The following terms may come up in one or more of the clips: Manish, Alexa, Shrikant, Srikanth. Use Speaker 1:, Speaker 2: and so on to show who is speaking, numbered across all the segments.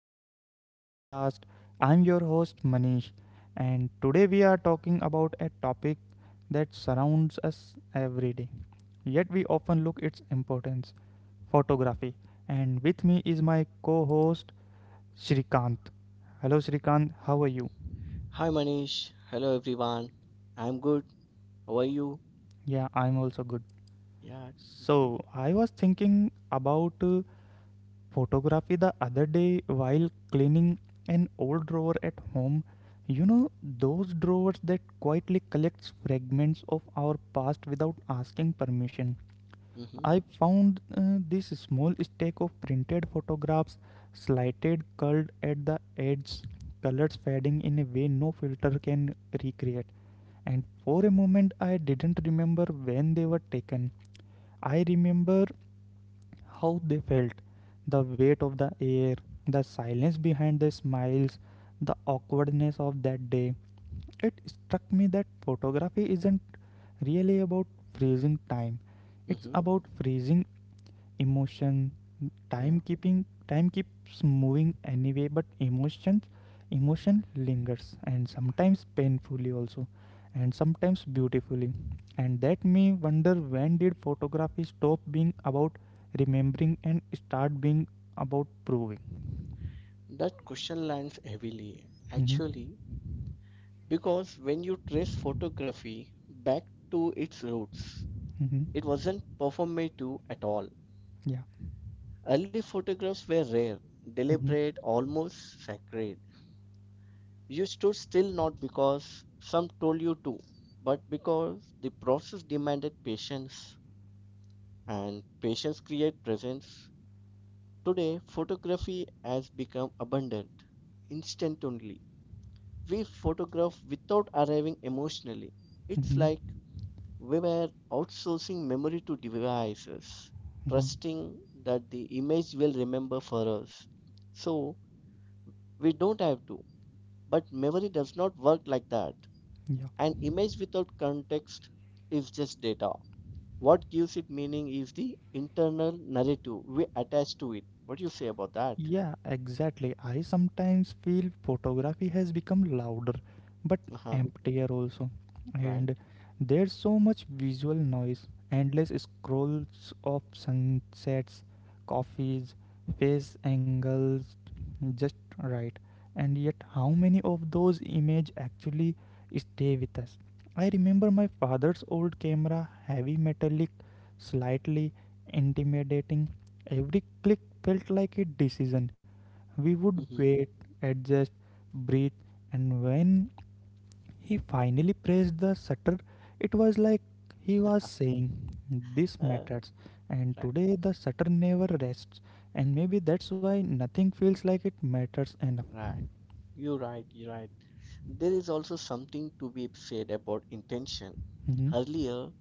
Speaker 1: welcome to the podcast. I'm your host, Manish, and today we are talking about a topic that surrounds us every day, yet we often look its importance photography. And with me is my co host, Shrikant. Hello, Shrikant, how are you?
Speaker 2: Hi Manish, hello everyone. I'm good. How are you?
Speaker 1: Yeah, I'm also good.
Speaker 2: Yeah.
Speaker 1: So, I was thinking about photography the other day while cleaning an old drawer at home. You know, those drawers that quietly collects fragments of our past without asking permission.
Speaker 2: Mhm.
Speaker 1: I found this small stack of printed photographs, slighted, curled at the edges, colors fading in a way no filter can recreate. And for a moment, I didn't remember when they were taken. I remember how they felt, the weight of the air, the silence behind the smiles, the awkwardness of that day. It struck me that photography isn't really about freezing time, it's
Speaker 2: Mhm.
Speaker 1: about freezing emotion.
Speaker 2: Yeah.
Speaker 1: timekeeping Time keeps moving anyway, but emotion lingers, and sometimes painfully also, and sometimes beautifully. And that me wonder, when did photography stop being about remembering and start being about proving?
Speaker 2: That question lands heavily
Speaker 1: Mm-hmm.
Speaker 2: actually, because when you trace photography back to its roots, it
Speaker 1: Mm-hmm.
Speaker 2: wasn't performative at all.
Speaker 1: Yeah.
Speaker 2: Early photographs were rare,
Speaker 1: Mm-hmm.
Speaker 2: deliberate, almost sacred. You stood still not because some told you to, but because the process demanded patience, and patience creates presence. Today, photography has become abundant, instant only. We photograph without arriving emotionally. It's
Speaker 1: Mm-hmm.
Speaker 2: like we were outsourcing memory to devices,
Speaker 1: Mm-hmm.
Speaker 2: trusting that the image will remember for us. So, we don't have to. But memory does not work like that.
Speaker 1: Yeah.
Speaker 2: An image without context is just data. What gives it meaning is the internal narrative we attach to it. What do you say about that?
Speaker 1: Yeah, exactly. I sometimes feel photography has become louder but
Speaker 2: Uh huh,
Speaker 1: emptier also.
Speaker 2: right?
Speaker 1: And there's so much visual noise, endless scrolls of sunsets, coffees, face angles, just. Right. And yet, how many of those images actually stay with us? I remember my father's old camera, heavy metallic, slightly intimidating. Every click felt like a decision. We would
Speaker 2: Mm-hmm.
Speaker 1: wait, adjust, breathe, and when he finally pressed the shutter, it was like he was saying, "This
Speaker 2: Uh,
Speaker 1: matters." And
Speaker 2: right,
Speaker 1: today the shutter never rests. And maybe that's why nothing feels like it matters enough.
Speaker 2: right. You're right, you're right. There is also something to be said about intention.
Speaker 1: Mm-hmm.
Speaker 2: Earlier,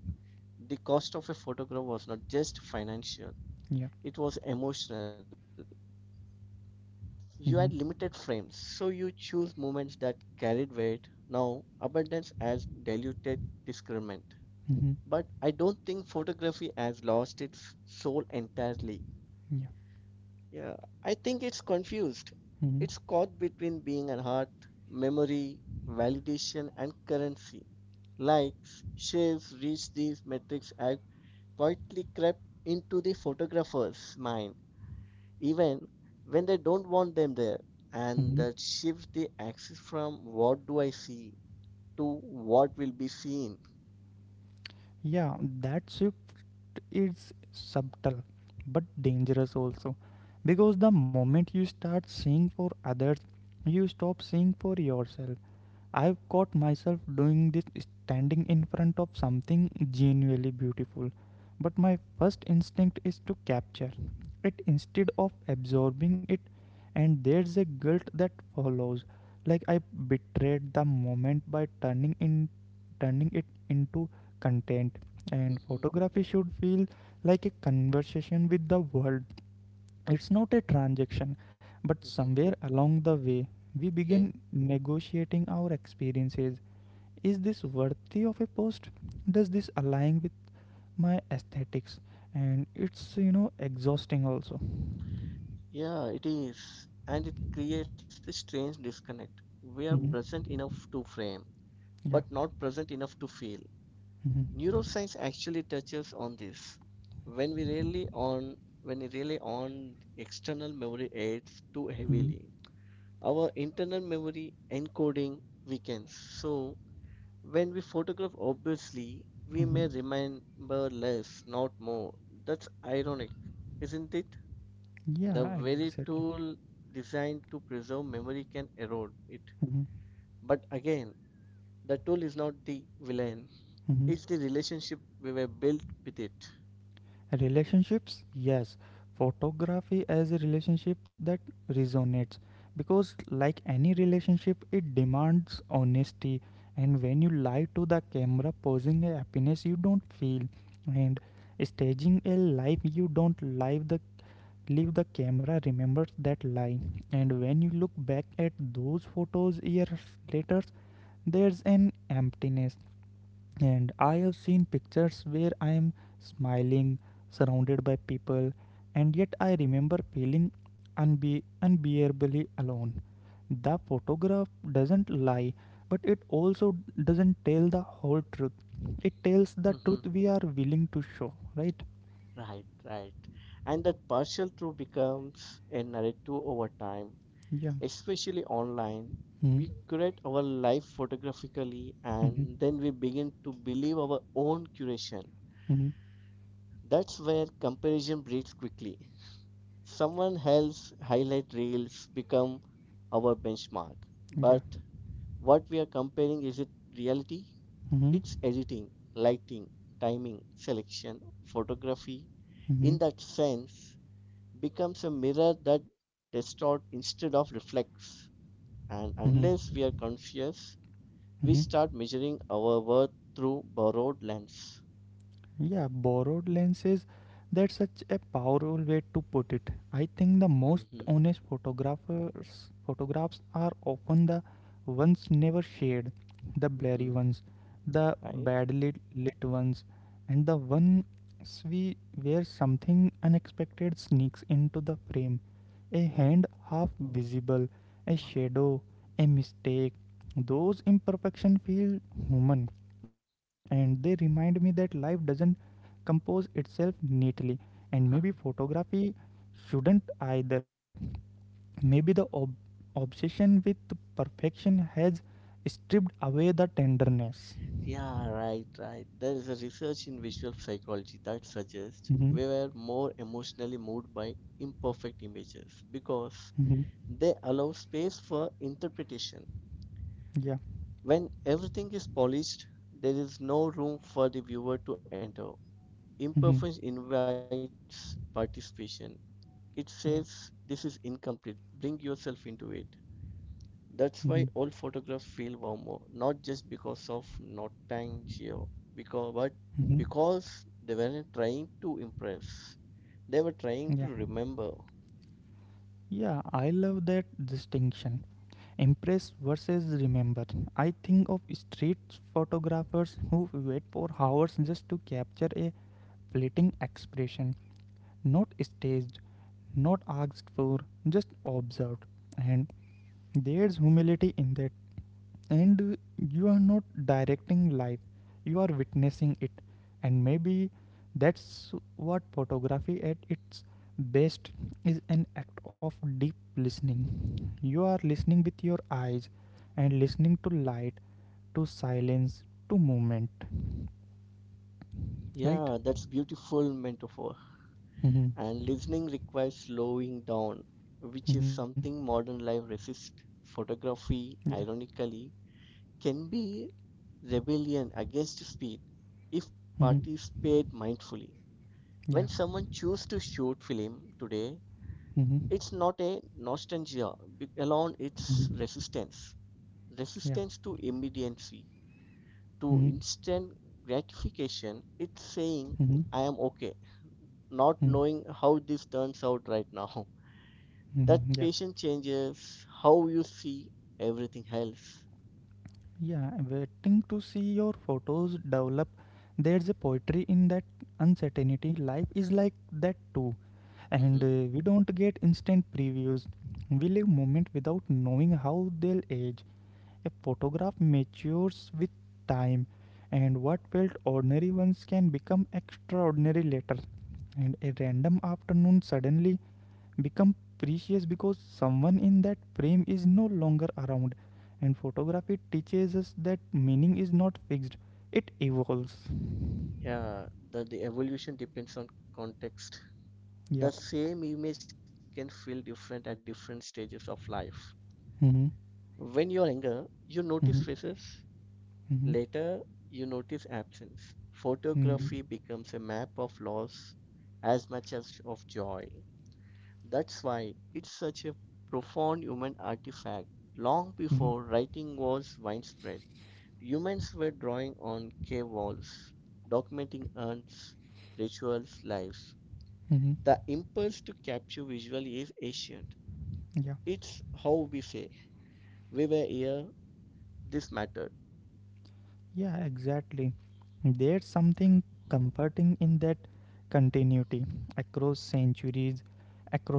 Speaker 2: the cost of a photograph was not just financial,
Speaker 1: Yeah.
Speaker 2: it was emotional. You had limited
Speaker 1: Mm-hmm.
Speaker 2: frames, so you choose moments that carried weight. Now, abundance has diluted discernment.
Speaker 1: Mm-hmm.
Speaker 2: But I don't think photography has lost its soul entirely.
Speaker 1: Yeah.
Speaker 2: Yeah, I think it's confused.
Speaker 1: Mm-hmm.
Speaker 2: It's caught between being an art, memory, validation, and currency. Likes, shares, reach these metrics have quietly crept into the photographer's mind, even when they don't want them there. And
Speaker 1: Mm-hmm.
Speaker 2: that shifts the axis from what do I see to what will be seen.
Speaker 1: Yeah, that's is subtle but dangerous also, because the moment you start seeing for others, you stop seeing for yourself. I've caught myself doing this, standing in front of something genuinely beautiful, but my first instinct is to capture it instead of absorbing it. And there's a guilt that follows, like I betrayed the moment by turning it into content. And
Speaker 2: Hmm.
Speaker 1: photography should feel like a conversation with the world, it's not a transaction. But
Speaker 2: Hmm.
Speaker 1: somewhere along the way, we begin
Speaker 2: Okay.
Speaker 1: negotiating our experiences. Is this worthy of a post? Does this align my aesthetics? And it's exhausting also.
Speaker 2: Yeah, it is. And it creates a strange disconnect. We are
Speaker 1: Mm-hmm.
Speaker 2: present enough to frame
Speaker 1: Yeah.
Speaker 2: but not present enough to feel.
Speaker 1: Hmm.
Speaker 2: Neuroscience actually touches on this. When we rely on when we rely on external memory aids too
Speaker 1: Hmm.
Speaker 2: heavily, our internal memory encoding weakens. So when we photograph obviously, we
Speaker 1: Hmm.
Speaker 2: may remember less, not more. That's ironic, isn't it? The
Speaker 1: Yeah,
Speaker 2: very
Speaker 1: exactly.
Speaker 2: tool designed to preserve memory can erode it.
Speaker 1: Hmm.
Speaker 2: But again, the tool is not the villain.
Speaker 1: Hmm.
Speaker 2: It's the relationship we were built with it.
Speaker 1: Relationships, yes. Photography as a relationship that resonates, because like any relationship, it demands honesty. And when you lie to the camera, posing a happiness you don't feel, and staging a life you don't live, the leave, the camera remembers that lie. And when you look back at those photos years later, there's an emptiness. And I have seen pictures where I am smiling, surrounded by people, and yet I remember feeling unbearably alone. The photograph doesn't lie, but it also doesn't tell the whole truth. It tells the
Speaker 2: Mm-hmm.
Speaker 1: truth we are willing to show, right?
Speaker 2: Right, right. And that partial truth becomes a narrative over time,
Speaker 1: Yeah.
Speaker 2: especially online.
Speaker 1: Mm-hmm.
Speaker 2: We curate our life photographically
Speaker 1: Mm-hmm.
Speaker 2: and then we begin to believe our own curation.
Speaker 1: Mm-hmm.
Speaker 2: That's where comparison breeds quickly. Someone else highlight reels become our benchmark.
Speaker 1: Yeah.
Speaker 2: But what we are comparing is it reality?
Speaker 1: Mm-hmm.
Speaker 2: It's editing, lighting, timing, selection, photography,
Speaker 1: Mm-hmm.
Speaker 2: in that sense, becomes a mirror that distorts instead of reflects.
Speaker 1: Mm-hmm.
Speaker 2: And unless we are conscious,
Speaker 1: Mm-hmm.
Speaker 2: we start measuring our worth through borrowed lens.
Speaker 1: Yeah, borrowed lenses. That's such a powerful way to put it. I think the most
Speaker 2: Hmm.
Speaker 1: honest photographers photographs are often the ones never shared, the blurry
Speaker 2: Hmm.
Speaker 1: ones, the
Speaker 2: Right?
Speaker 1: badly lit ones, and the ones we where something unexpected sneaks into the frame. A
Speaker 2: Right.
Speaker 1: hand half visible, a
Speaker 2: Wow.
Speaker 1: shadow, a mistake. Those imperfections feel human, and they remind me that life doesn't compose itself neatly. And maybe photography shouldn't either. Maybe the obsession with perfection has stripped away the tenderness.
Speaker 2: Yeah, right, right. There is a research in visual psychology that suggests
Speaker 1: Mm-hmm.
Speaker 2: we were more emotionally moved by imperfect images because
Speaker 1: Mm-hmm.
Speaker 2: they allow space for interpretation.
Speaker 1: Yeah.
Speaker 2: When everything is polished, there is no room for the viewer to enter.
Speaker 1: Mm-hmm.
Speaker 2: Imperfection invites participation. It says,
Speaker 1: Yeah.
Speaker 2: this is incomplete, bring yourself into it. That's
Speaker 1: Mm-hmm.
Speaker 2: why all photographs feel warmer, not just because of nostalgia, because, but
Speaker 1: Mm-hmm.
Speaker 2: because they weren't trying to impress, they were trying
Speaker 1: Yeah,
Speaker 2: to remember.
Speaker 1: yeah, I love that distinction, impress versus remember. I think of street photographers who wait for hours just to capture a fleeting expression, not staged, not asked for, just observed. And there's humility in that. And you are not directing life, you are witnessing it. And maybe that's what photography at its best is, an act of deep listening. You are listening with your eyes, and listening to light, to silence, to movement.
Speaker 2: Yeah,
Speaker 1: Right?
Speaker 2: that's beautiful metaphor.
Speaker 1: Mm-hmm.
Speaker 2: And listening requires slowing down, which is
Speaker 1: Mm-hmm.
Speaker 2: something modern life resists.
Speaker 1: Yeah.
Speaker 2: Photography, ironically, can be rebellion against speed if
Speaker 1: Mm-hmm.
Speaker 2: participate mindfully.
Speaker 1: Yeah.
Speaker 2: When someone chooses to shoot film today,
Speaker 1: Mm-hmm.
Speaker 2: it's not a alone, it's
Speaker 1: Mm-hmm.
Speaker 2: resistance.
Speaker 1: Yeah.
Speaker 2: Resistance to immediacy,
Speaker 1: Mm-hmm.
Speaker 2: to instant gratification. It's
Speaker 1: Mm-hmm.
Speaker 2: saying, I am okay, not knowing how this turns out right now.
Speaker 1: Mm-hmm.
Speaker 2: That
Speaker 1: Yeah.
Speaker 2: patient changes how you see everything else.
Speaker 1: Yeah. Waiting to see your photos develop. There's a poetry in that uncertainty. Life is like that too. And
Speaker 2: Hmm.
Speaker 1: we don't get instant previews. We live moment without knowing how they'll age. A photograph matures with time. And what felt ordinary once can become extraordinary later. And a random afternoon suddenly become precious because someone in that frame is no longer around. And photography teaches us that meaning is not fixed, it evolves.
Speaker 2: Yeah, the evolution depends on context. The
Speaker 1: Yeah.
Speaker 2: same image can feel different at different stages of life.
Speaker 1: Mm-hmm.
Speaker 2: When you're younger, you notice
Speaker 1: Mm-hmm.
Speaker 2: faces.
Speaker 1: Mm-hmm.
Speaker 2: Later, you notice absence.
Speaker 1: Mm-hmm.
Speaker 2: Photography becomes a map of loss as much as of joy. That's why it's such a profound human artifact long
Speaker 1: Mm-hmm.
Speaker 2: before writing was widespread. Humans were drawing on cave walls, documenting hunts, rituals, lives.
Speaker 1: Mm-hmm.
Speaker 2: The impulse to capture visually is ancient.
Speaker 1: Yeah.
Speaker 2: It's how we say, we were here, this mattered.
Speaker 1: Yeah, exactly. There's something comforting in that continuity, across centuries,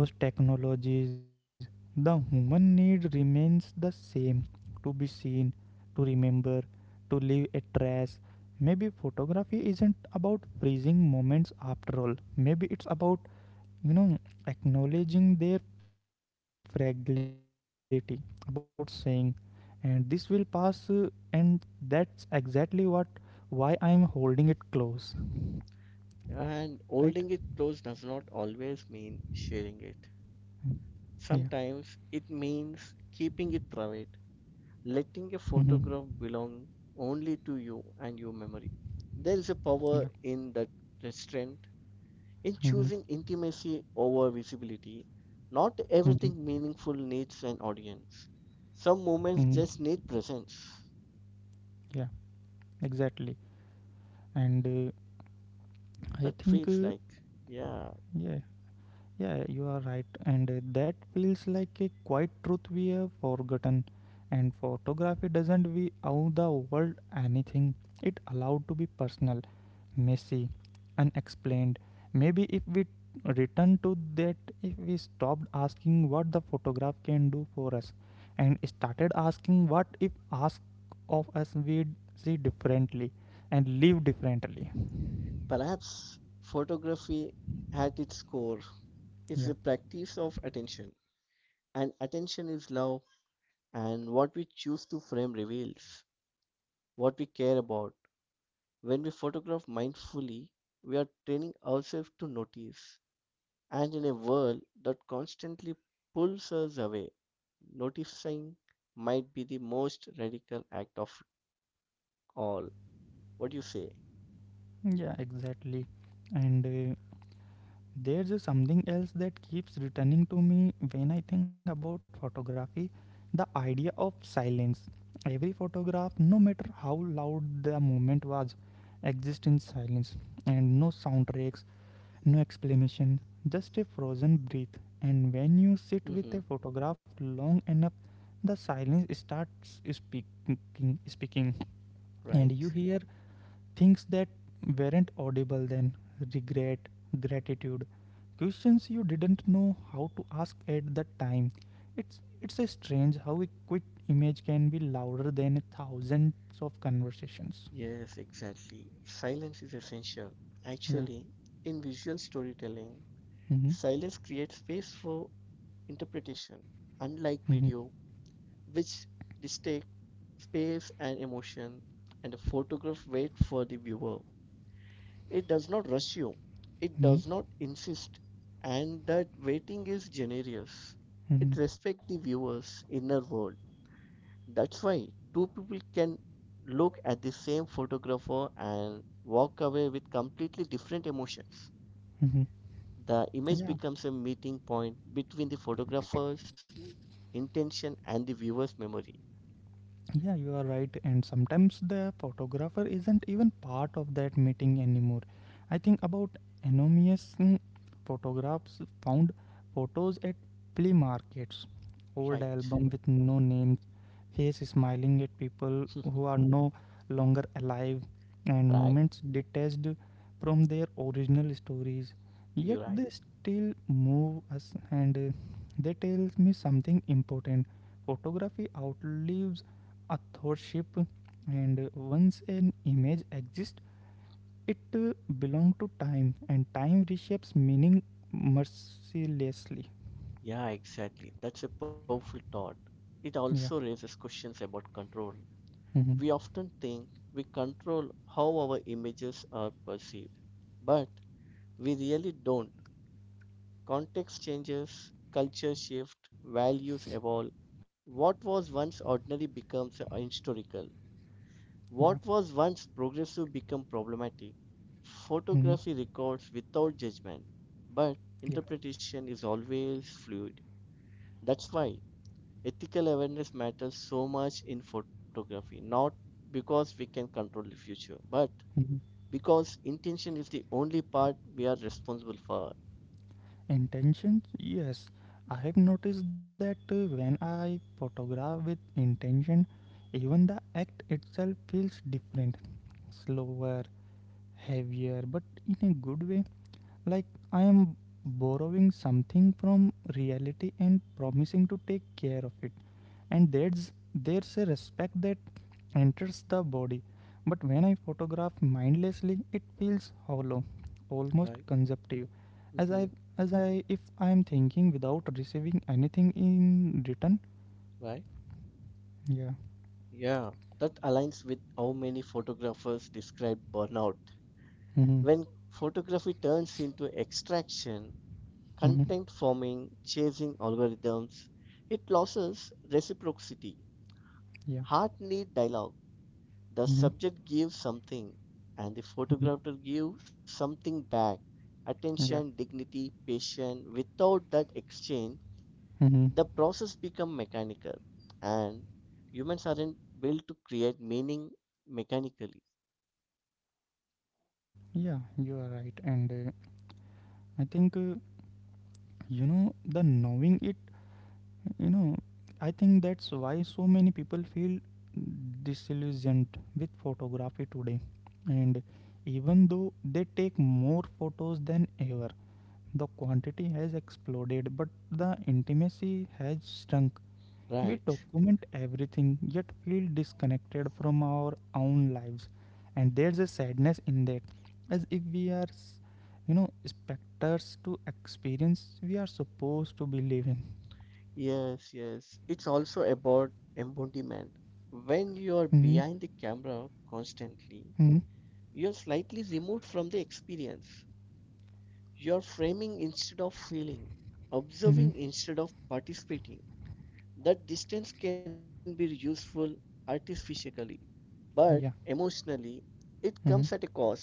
Speaker 1: across technologies. The human need remains the same, to be seen, to remember, to leave a trace. Maybe photography isn't about freezing moments after all. Maybe it's about you know acknowledging their fragility, about saying, and this will pass, and that's exactly what why I'm holding it close, right?
Speaker 2: And holding it close does not always mean sharing it.
Speaker 1: Yeah.
Speaker 2: Sometimes it means keeping it private, letting a
Speaker 1: Mm-hmm.
Speaker 2: photograph belong only to you and your memory. There is a
Speaker 1: Yeah.
Speaker 2: power in that restraint, in
Speaker 1: Mm-hmm.
Speaker 2: choosing intimacy over visibility. Not
Speaker 1: Mm-hmm.
Speaker 2: everything meaningful needs an audience. Some moments
Speaker 1: Mm-hmm.
Speaker 2: just need presence.
Speaker 1: Yeah, exactly. And I
Speaker 2: That
Speaker 1: think
Speaker 2: feels like, yeah.
Speaker 1: yeah. Yeah, you are right. And that feels like a quiet truth we have forgotten. And photography doesn't we owe the world anything. It allowed to be personal, messy, unexplained. Maybe if we return to that, if we stopped asking what the photograph can do for us and started asking what if ask of us, we'd see differently and live differently.
Speaker 2: Perhaps photography at its core is the
Speaker 1: Yeah.
Speaker 2: practice of attention. And attention is love, and what we choose to frame reveals what we care about. When we photograph mindfully, we are training ourselves to notice, and in a world that constantly pulls us away, noticing might be the most radical act of all. What do you say?
Speaker 1: Yeah, exactly. And there's a something else that keeps returning to me when I think about photography, the idea of silence. Every photograph, no matter how loud the moment was, exists in silence, and no soundtracks, no explanation, just a frozen breath. And when you sit with
Speaker 2: Mm-hmm.
Speaker 1: a photograph long enough, the silence starts speaking, and you
Speaker 2: Right.
Speaker 1: hear things that weren't audible then, regret, gratitude, questions you didn't know how to ask at the time. It's a strange how a quick image can be louder than thousands of conversations.
Speaker 2: Yes, exactly. Silence is essential.
Speaker 1: Yeah.
Speaker 2: Actually, in visual storytelling,
Speaker 1: Mm-hmm.
Speaker 2: silence creates space for interpretation. Unlike
Speaker 1: Mm-hmm.
Speaker 2: video, which dictates space and emotion, and a photograph waits for the viewer. It does not rush you, it
Speaker 1: Mm-hmm.
Speaker 2: does not insist, and that waiting is generous. It
Speaker 1: Mm-hmm.
Speaker 2: respects the viewer's inner world. That's why two people can look at the same photographer and walk away with completely different emotions.
Speaker 1: Mm-hmm.
Speaker 2: The image
Speaker 1: Yeah.
Speaker 2: becomes a meeting point between the photographer's intention and the viewer's memory.
Speaker 1: Yeah, you are right. And sometimes the photographer isn't even part of that meeting anymore. I think about anonymous photographs found photos at flea markets, old
Speaker 2: Right.
Speaker 1: album with no name, face smiling at people who are no longer alive, and
Speaker 2: Right.
Speaker 1: moments detached from their original stories. Yet
Speaker 2: You're right.
Speaker 1: they still move us, and they tell me something important. Photography outlives authorship, and once an image exists, it belongs to time, and time reshapes meaning mercilessly.
Speaker 2: Yeah, exactly. That's a powerful thought. It also
Speaker 1: Yeah.
Speaker 2: raises questions about control.
Speaker 1: Hmm.
Speaker 2: We often think we control how our images are perceived, but we really don't. Context changes, culture shift, values evolve. What was once ordinary becomes historical.
Speaker 1: Yeah.
Speaker 2: What was once progressive becomes problematic.
Speaker 1: Hmm.
Speaker 2: Photography records without judgment, but
Speaker 1: Yeah.
Speaker 2: interpretation is always fluid. That's why ethical awareness matters so much in photography, not because we can control the future, but
Speaker 1: Mm-hmm.
Speaker 2: because intention is the only part we are responsible for.
Speaker 1: Intentions? Yes. I have noticed that when I photograph with intention, even the act itself feels different. Slower, heavier, but in a good way. Like I am borrowing something from reality and promising to take care of it. And there's a respect that enters the body. But when I photograph mindlessly, it feels hollow, almost
Speaker 2: Right.
Speaker 1: consumptive. As
Speaker 2: Mm-hmm.
Speaker 1: I as I if I am thinking without receiving anything in return.
Speaker 2: Right.
Speaker 1: Yeah.
Speaker 2: Yeah. That aligns with how many photographers describe burnout.
Speaker 1: Mm-hmm.
Speaker 2: When photography turns into extraction,
Speaker 1: Mm-hmm.
Speaker 2: content forming, chasing algorithms, it loses reciprocity.
Speaker 1: Yeah.
Speaker 2: Heart need dialogue. The
Speaker 1: Mm-hmm.
Speaker 2: subject gives something and the
Speaker 1: Mm-hmm.
Speaker 2: photographer gives something back. Attention,
Speaker 1: Yeah.
Speaker 2: dignity, patience. Without that exchange,
Speaker 1: Mm-hmm.
Speaker 2: the process become mechanical and humans aren't built to create meaning mechanically.
Speaker 1: Yeah, you are right. And I think the knowing it, you know I think that's why so many people feel disillusioned with photography today. And even though they take more photos than ever, the quantity has exploded but the intimacy has shrunk. We
Speaker 2: Right.
Speaker 1: document everything yet feel disconnected from our own lives, and there's a sadness in that, as if we are, specters to experience we are supposed to be living.
Speaker 2: Yes, yes, it's also about embodiment. When
Speaker 1: Mm-hmm.
Speaker 2: you are behind the camera
Speaker 1: Mm-hmm.
Speaker 2: constantly, you're slightly removed from the experience. You're framing instead of feeling,
Speaker 1: Mm-hmm.
Speaker 2: observing instead of participating. That distance can be useful artificially, but
Speaker 1: Yeah.
Speaker 2: emotionally it comes at
Speaker 1: Mm-hmm.
Speaker 2: a cost.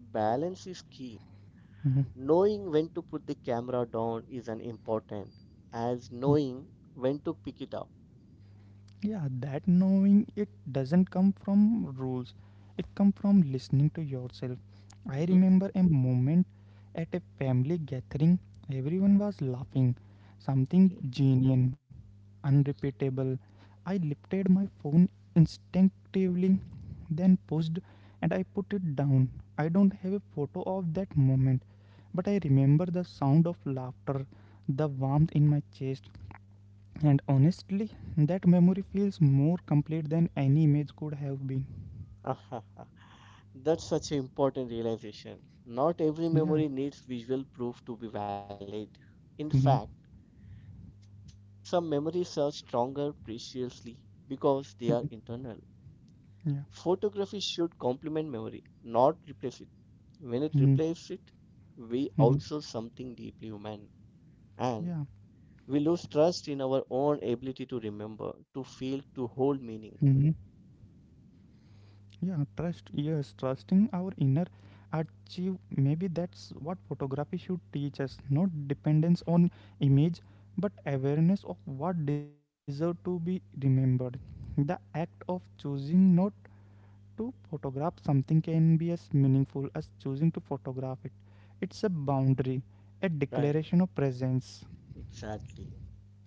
Speaker 2: Balance is key.
Speaker 1: Mm-hmm.
Speaker 2: Knowing when to put the camera down is an important as knowing when to pick it up.
Speaker 1: Yeah, that knowing it doesn't come from rules. It comes from listening to yourself. I
Speaker 2: Mhm.
Speaker 1: remember a moment at a family gathering. Everyone was laughing. Something
Speaker 2: Okay.
Speaker 1: genuine, unrepeatable. I lifted my phone instinctively, then pushed and I put it down. I don't have a photo of that moment, but I remember the sound of laughter, the warmth in my chest, and honestly, that memory feels more complete than any image could have been.
Speaker 2: That's such an important realization. Not every
Speaker 1: Yeah.
Speaker 2: memory needs visual proof to be valid. In fact,
Speaker 1: Hmm.
Speaker 2: some memories are stronger preciously because they are internal. Photography
Speaker 1: Yeah.
Speaker 2: should complement memory, not replace it. When it replaces
Speaker 1: Hmm.
Speaker 2: it, we outsource
Speaker 1: Hmm.
Speaker 2: something deeply human. And
Speaker 1: Yeah.
Speaker 2: we lose trust in our own ability to remember, to feel, to
Speaker 1: Hmm.
Speaker 2: hold meaning.
Speaker 1: Yeah. Trust. Yes. Trusting our inner achieve. Maybe that's what photography should teach us. Not dependence on image, but awareness of what deserve to be remembered. The act of choosing not to photograph something can be as meaningful as choosing to photograph it. It's a boundary, a
Speaker 2: Right,
Speaker 1: declaration of presence.
Speaker 2: exactly.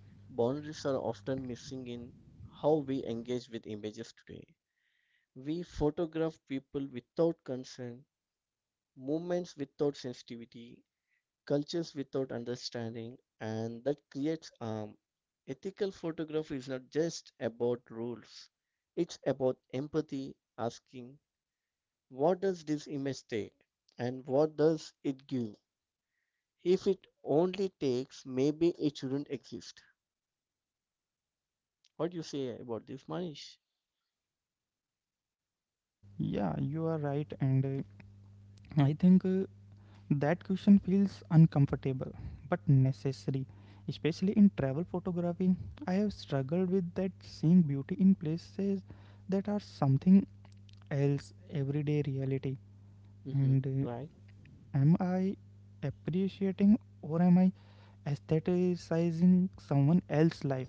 Speaker 2: Boundaries are often missing in how we engage with images today. We photograph people without consent, movements without sensitivity, cultures without understanding, and that creates harm. Ethical photography is not just about rules, it's about empathy, asking, what does this image take and what does it give? If it only takes, maybe it shouldn't exist. What do you say about this, Manish?
Speaker 1: Yeah, you are right, and I think that question feels uncomfortable but necessary, especially in travel photography. I have struggled with that, seeing beauty in places that are something else, everyday reality.
Speaker 2: Mm-hmm.
Speaker 1: And
Speaker 2: Right?
Speaker 1: am I appreciating or am I aestheticizing someone else's life?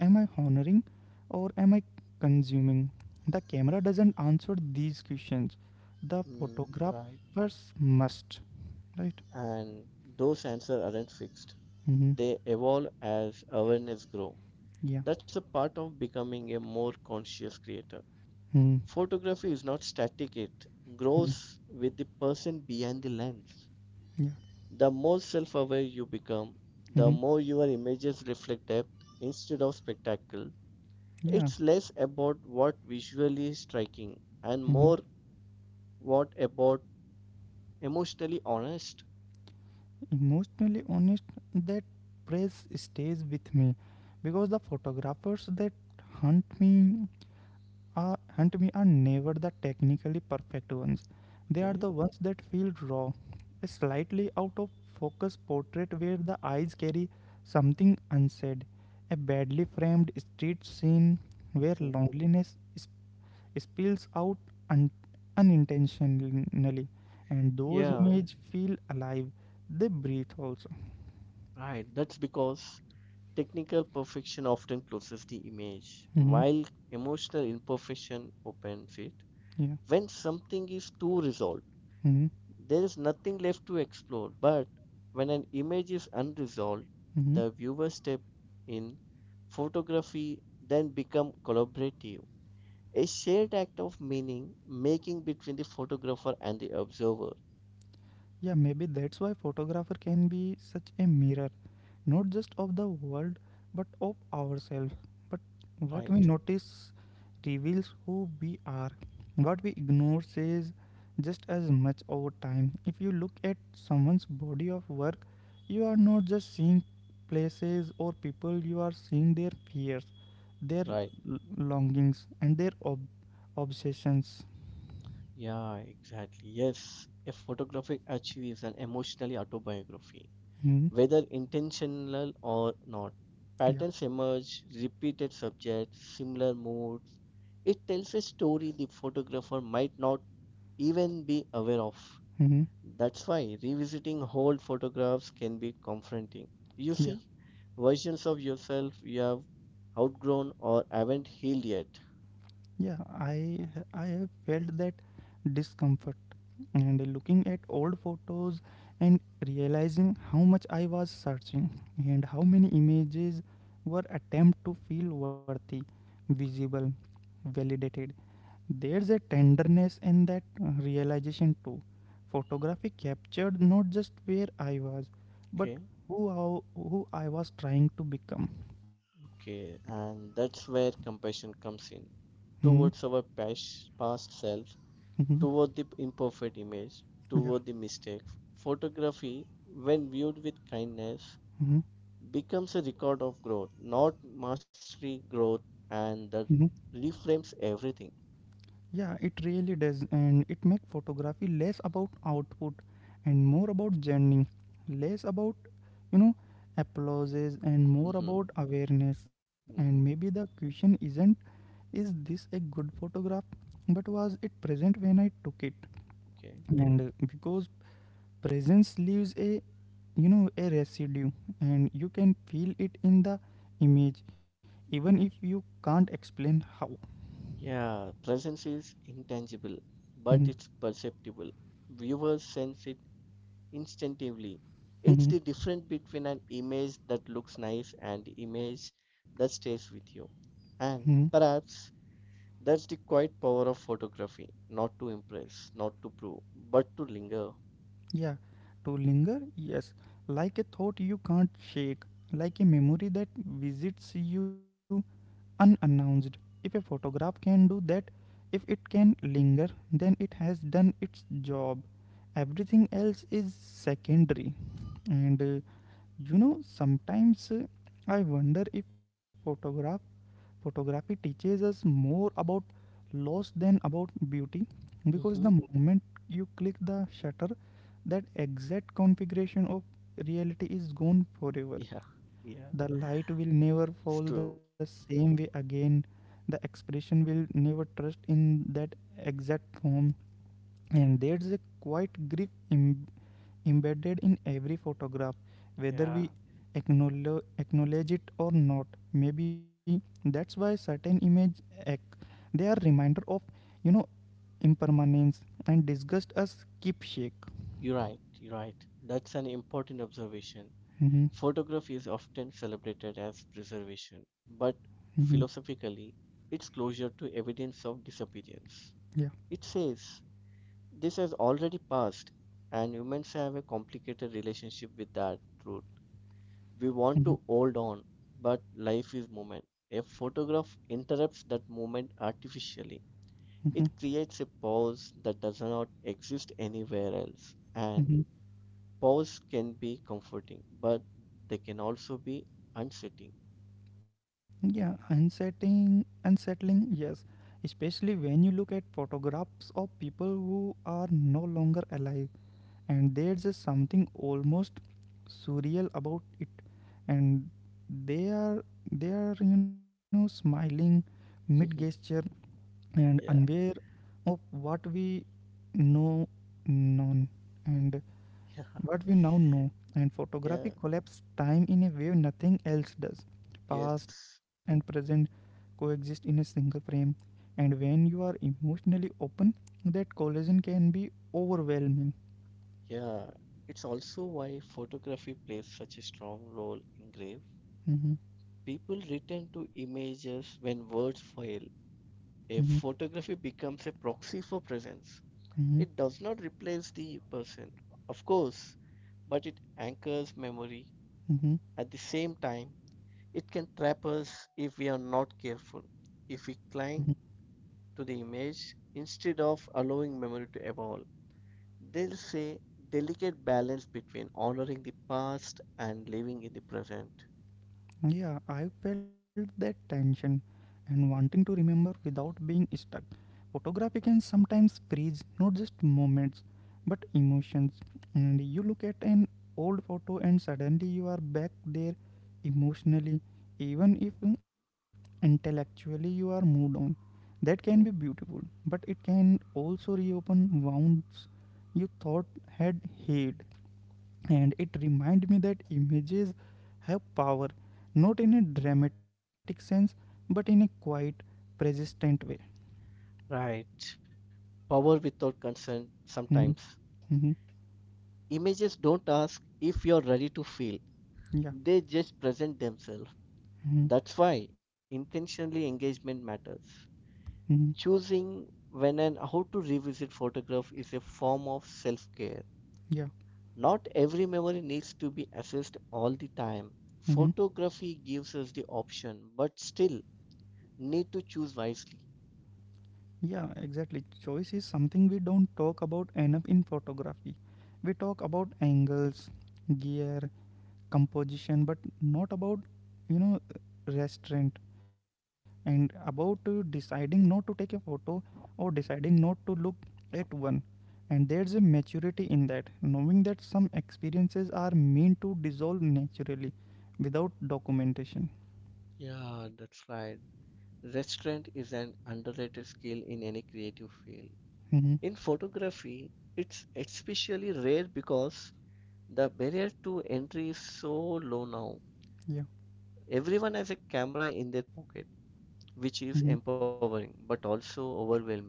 Speaker 1: Am I honoring or am I consuming? The camera doesn't answer these questions. The
Speaker 2: Mm, right.
Speaker 1: photographers must, right?
Speaker 2: And those answers aren't fixed.
Speaker 1: Mm-hmm.
Speaker 2: They evolve as awareness grows.
Speaker 1: Yeah.
Speaker 2: That's a part of becoming a more conscious creator.
Speaker 1: Mm-hmm.
Speaker 2: Photography is not static, it
Speaker 1: Mm-hmm.
Speaker 2: grows with the person behind the lens.
Speaker 1: Yeah.
Speaker 2: The more self aware you become, the
Speaker 1: Mm-hmm.
Speaker 2: more your images reflect depth instead of spectacle.
Speaker 1: Yeah.
Speaker 2: It's less about what visually is striking and
Speaker 1: Mm-hmm.
Speaker 2: more what about emotionally honest.
Speaker 1: Emotionally honest, that praise stays with me because the photographers that hunt me are and we are never the technically perfect ones. They are
Speaker 2: Okay.
Speaker 1: the ones that feel raw, a slightly out of focus portrait where the eyes carry something unsaid, a badly framed street scene where
Speaker 2: Mm.
Speaker 1: loneliness spills out un- unintentionally, and those
Speaker 2: Yeah,
Speaker 1: images feel alive. They breathe also.
Speaker 2: right. That's because technical perfection often closes the image,
Speaker 1: Hmm
Speaker 2: while emotional imperfection opens it.
Speaker 1: Yeah.
Speaker 2: When something is too resolved,
Speaker 1: hmm
Speaker 2: there is nothing left to explore, but when an image is unresolved, the viewer step in. Photography then become collaborative, a shared act of meaning making between the photographer and the observer,
Speaker 1: Yeah, maybe that's why photographer can be such a mirror, not just of the world, but of ourselves. But what we
Speaker 2: right?
Speaker 1: notice reveals who we are. What we ignore says just as much over time. If you look at someone's body of work, you are not just seeing places or people, you are seeing their fears, their
Speaker 2: Right.
Speaker 1: longings, and their obsessions.
Speaker 2: Yeah, exactly. Yes, a photographic archive is an emotionally autobiography.
Speaker 1: Hmm?
Speaker 2: Whether intentional or not,
Speaker 1: Yeah.
Speaker 2: patterns emerge, repeated subjects, similar moods. It tells a story the photographer might not even be aware of.
Speaker 1: hmm
Speaker 2: That's why revisiting old photographs can be confronting. You
Speaker 1: Yeah.
Speaker 2: see, versions of yourself you have outgrown or haven't healed yet.
Speaker 1: Yeah, I have felt that discomfort and looking at old photos and realizing how much I was searching and how many images were attempt to feel worthy, visible, validated. There's a tenderness in that realization too. Photography captured not just where I was, but
Speaker 2: Okay,
Speaker 1: who I was trying to become.
Speaker 2: okay, and that's where compassion comes in
Speaker 1: Mm-hmm.
Speaker 2: towards our past self,
Speaker 1: Mm-hmm.
Speaker 2: toward the imperfect image,
Speaker 1: Yeah.
Speaker 2: toward the mistake. Photography, when viewed with kindness,
Speaker 1: Mm-hmm.
Speaker 2: becomes a record of growth, not mastery growth, and that reframes everything.
Speaker 1: Yeah, it really does, and it makes photography less about output and more about journey, less about you know applauses and more
Speaker 2: Mm-hmm.
Speaker 1: about awareness.
Speaker 2: Mm-hmm.
Speaker 1: And maybe the question isn't is this a good photograph, but was it present when I took it?
Speaker 2: Okay.
Speaker 1: And because presence leaves a a residue, and you can feel it in the image, even if you can't explain how.
Speaker 2: Yeah, presence is intangible,
Speaker 1: Mhm.
Speaker 2: but it's perceptible. Viewers sense it instinctively. It's
Speaker 1: Mhm.
Speaker 2: the difference between an image that looks nice and the image that stays with you.
Speaker 1: Mhm.
Speaker 2: And perhaps that's the quiet power of photography, not to impress, not to prove, but to linger.
Speaker 1: Yeah, to linger, yes, like a thought you can't shake, like a memory that visits you unannounced. If a photograph can do that, if it can linger, then it has done its job. Everything else is secondary. And you know, sometimes I wonder if photograph Photography teaches us more about loss than about beauty because the
Speaker 2: Hmm.
Speaker 1: moment you click the shutter, that exact configuration of reality is gone forever.
Speaker 2: Yeah, yeah,
Speaker 1: The light will never
Speaker 2: it's
Speaker 1: fall the
Speaker 2: true.
Speaker 1: same way again. The expression will never trust in that exact form. And there's a quiet grief embedded in every photograph, whether
Speaker 2: Yeah.
Speaker 1: we acknowledge it or not. Maybe that's why certain images act. They are reminder of, you know, impermanence and disgust us keep shake.
Speaker 2: You're right, you're right. That's an important observation.
Speaker 1: Mm-hmm.
Speaker 2: Photography is often celebrated as preservation, but
Speaker 1: Mm-hmm.
Speaker 2: philosophically, it's closure to evidence of disappearance.
Speaker 1: Yeah.
Speaker 2: It says, this has already passed, and humans have a complicated relationship with that truth. We want
Speaker 1: Mm-hmm.
Speaker 2: to hold on, but life is movement. A photograph interrupts that movement artificially. It
Speaker 1: Mm-hmm.
Speaker 2: creates a pause that does not exist anywhere else. And
Speaker 1: Mm-hmm.
Speaker 2: pause can be comforting, but they can also be unsettling.
Speaker 1: Yeah. Unsettling. Unsettling. Yes. Especially when you look at photographs of people who are no longer alive, and there's just something almost surreal about it, and they are they are smiling mid gesture and
Speaker 2: Yeah,
Speaker 1: unaware of what we know known and
Speaker 2: yeah,
Speaker 1: what we now know, and
Speaker 2: yeah,
Speaker 1: photography collapses time in a way nothing else does. Past
Speaker 2: yes,
Speaker 1: and present coexist in a single frame, and when you are emotionally open that collision can be overwhelming.
Speaker 2: yeah. It's also why photography plays such a strong role in grief.
Speaker 1: Hmm
Speaker 2: People return to images when words fail. A photography becomes a proxy for presence.
Speaker 1: hmm
Speaker 2: It does not replace the person, of course, but it anchors memory.
Speaker 1: Mm-hmm.
Speaker 2: At the same time, it can trap us if we are not careful, if we
Speaker 1: Mm-hmm.
Speaker 2: cling to the image instead of allowing memory to evolve. They'll say delicate balance between honoring the past and living in the present.
Speaker 1: Yeah, I felt that tension and wanting to remember without being stuck. Photography can sometimes freeze not just moments but emotions. And you look at an old photo and suddenly you are back there emotionally, even if intellectually you are moved on. That can be
Speaker 2: Mm.
Speaker 1: beautiful, but it can also reopen wounds you thought had healed. And it reminded me that images have power not in a dramatic sense but in a quiet persistent way.
Speaker 2: Right. Power without consent
Speaker 1: Mhm.
Speaker 2: sometimes.
Speaker 1: Mhm.
Speaker 2: Images don't ask if you're ready to feel,
Speaker 1: Yeah.
Speaker 2: they just present themselves.
Speaker 1: Mhm.
Speaker 2: That's why intentionally engagement matters.
Speaker 1: Mhm.
Speaker 2: Choosing when and how to revisit photograph is a form of self-care.
Speaker 1: Yeah.
Speaker 2: Not every memory needs to be assessed all the time.
Speaker 1: Mhm.
Speaker 2: Photography gives us the option, but still need to choose wisely.
Speaker 1: Yeah, exactly, choice is something we don't talk about enough in photography. We talk about angles, gear, composition, but not about you know restraint, and about deciding not to take a photo or deciding not to look at one. And there's a maturity in that, knowing that some experiences are meant to dissolve naturally without documentation.
Speaker 2: Yeah, that's right. Restraint is an underrated skill in any creative field.
Speaker 1: Mm-hmm.
Speaker 2: In photography, it's especially rare because the barrier to entry is so low now.
Speaker 1: Yeah.
Speaker 2: Everyone has a camera in their pocket,
Speaker 1: Mm-hmm.
Speaker 2: which is empowering but also overwhelming.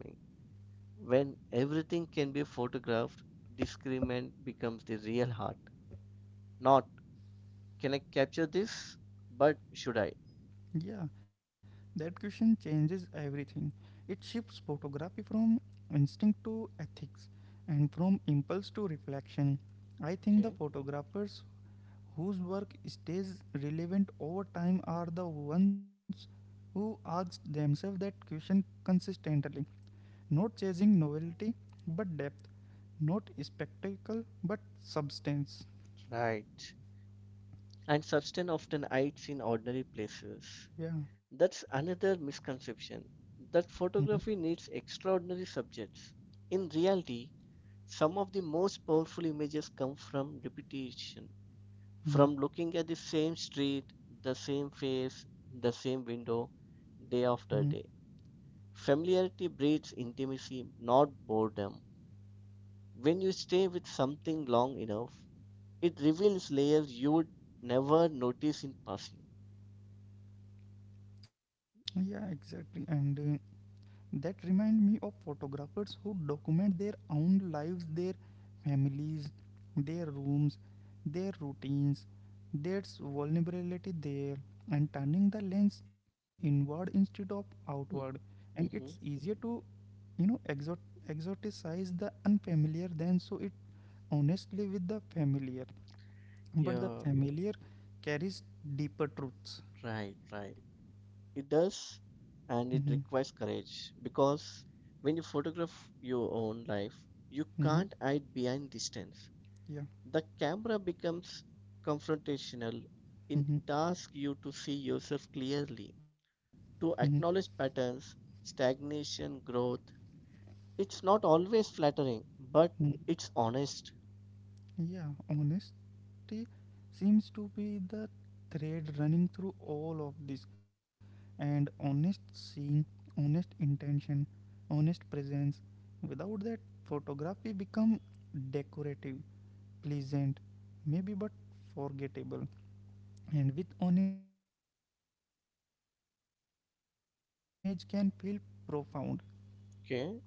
Speaker 2: When everything can be photographed, discriminant becomes the real heart. Not can I capture this, but should I?
Speaker 1: Yeah, that question changes everything. It shifts photography from instinct to ethics and from impulse to reflection. I think the
Speaker 2: Okay.
Speaker 1: photographers whose work stays relevant over time are the ones who ask themselves that question consistently, not chasing novelty but depth, not spectacle but substance.
Speaker 2: Right. And substance often hides in ordinary places.
Speaker 1: Yeah.
Speaker 2: That's another misconception that
Speaker 1: Mhm.
Speaker 2: photography needs extraordinary subjects. In reality, some of the most powerful images come from repetition.
Speaker 1: Mhm.
Speaker 2: From looking at the same street, the same face, the same window, day
Speaker 1: Mhm.
Speaker 2: after day. Familiarity breeds intimacy, not boredom. When you stay with something long enough, it reveals layers you would never notice in passing.
Speaker 1: Yeah, exactly. And that remind me of photographers who document their own lives, their families, their rooms, their routines, their vulnerability there, and turning the lens inward instead of outward. And it's
Speaker 2: Mm-hmm.
Speaker 1: easier to, you know, exot- exoticize the unfamiliar than so it honestly with the familiar. But the
Speaker 2: Yeah,
Speaker 1: familiar carries deeper truths.
Speaker 2: right, right. It does,
Speaker 1: Mm-hmm.
Speaker 2: and it requires courage because when you photograph your own life, you
Speaker 1: Mm-hmm.
Speaker 2: can't hide behind distance.
Speaker 1: Yeah.
Speaker 2: The camera becomes confrontational. It
Speaker 1: Mm-hmm.
Speaker 2: asks you to see yourself clearly,
Speaker 1: Mm-hmm.
Speaker 2: to acknowledge patterns, stagnation, growth. It's not always flattering, but
Speaker 1: Mm.
Speaker 2: it's honest.
Speaker 1: Yeah, honest. Identity seems to be the thread running through all of this. And honest seeing, honest intention, honest presence. Without that, photography become decorative, pleasant, maybe, but forgettable. And with honesty, even the simplest image can feel profound,
Speaker 2: Okay?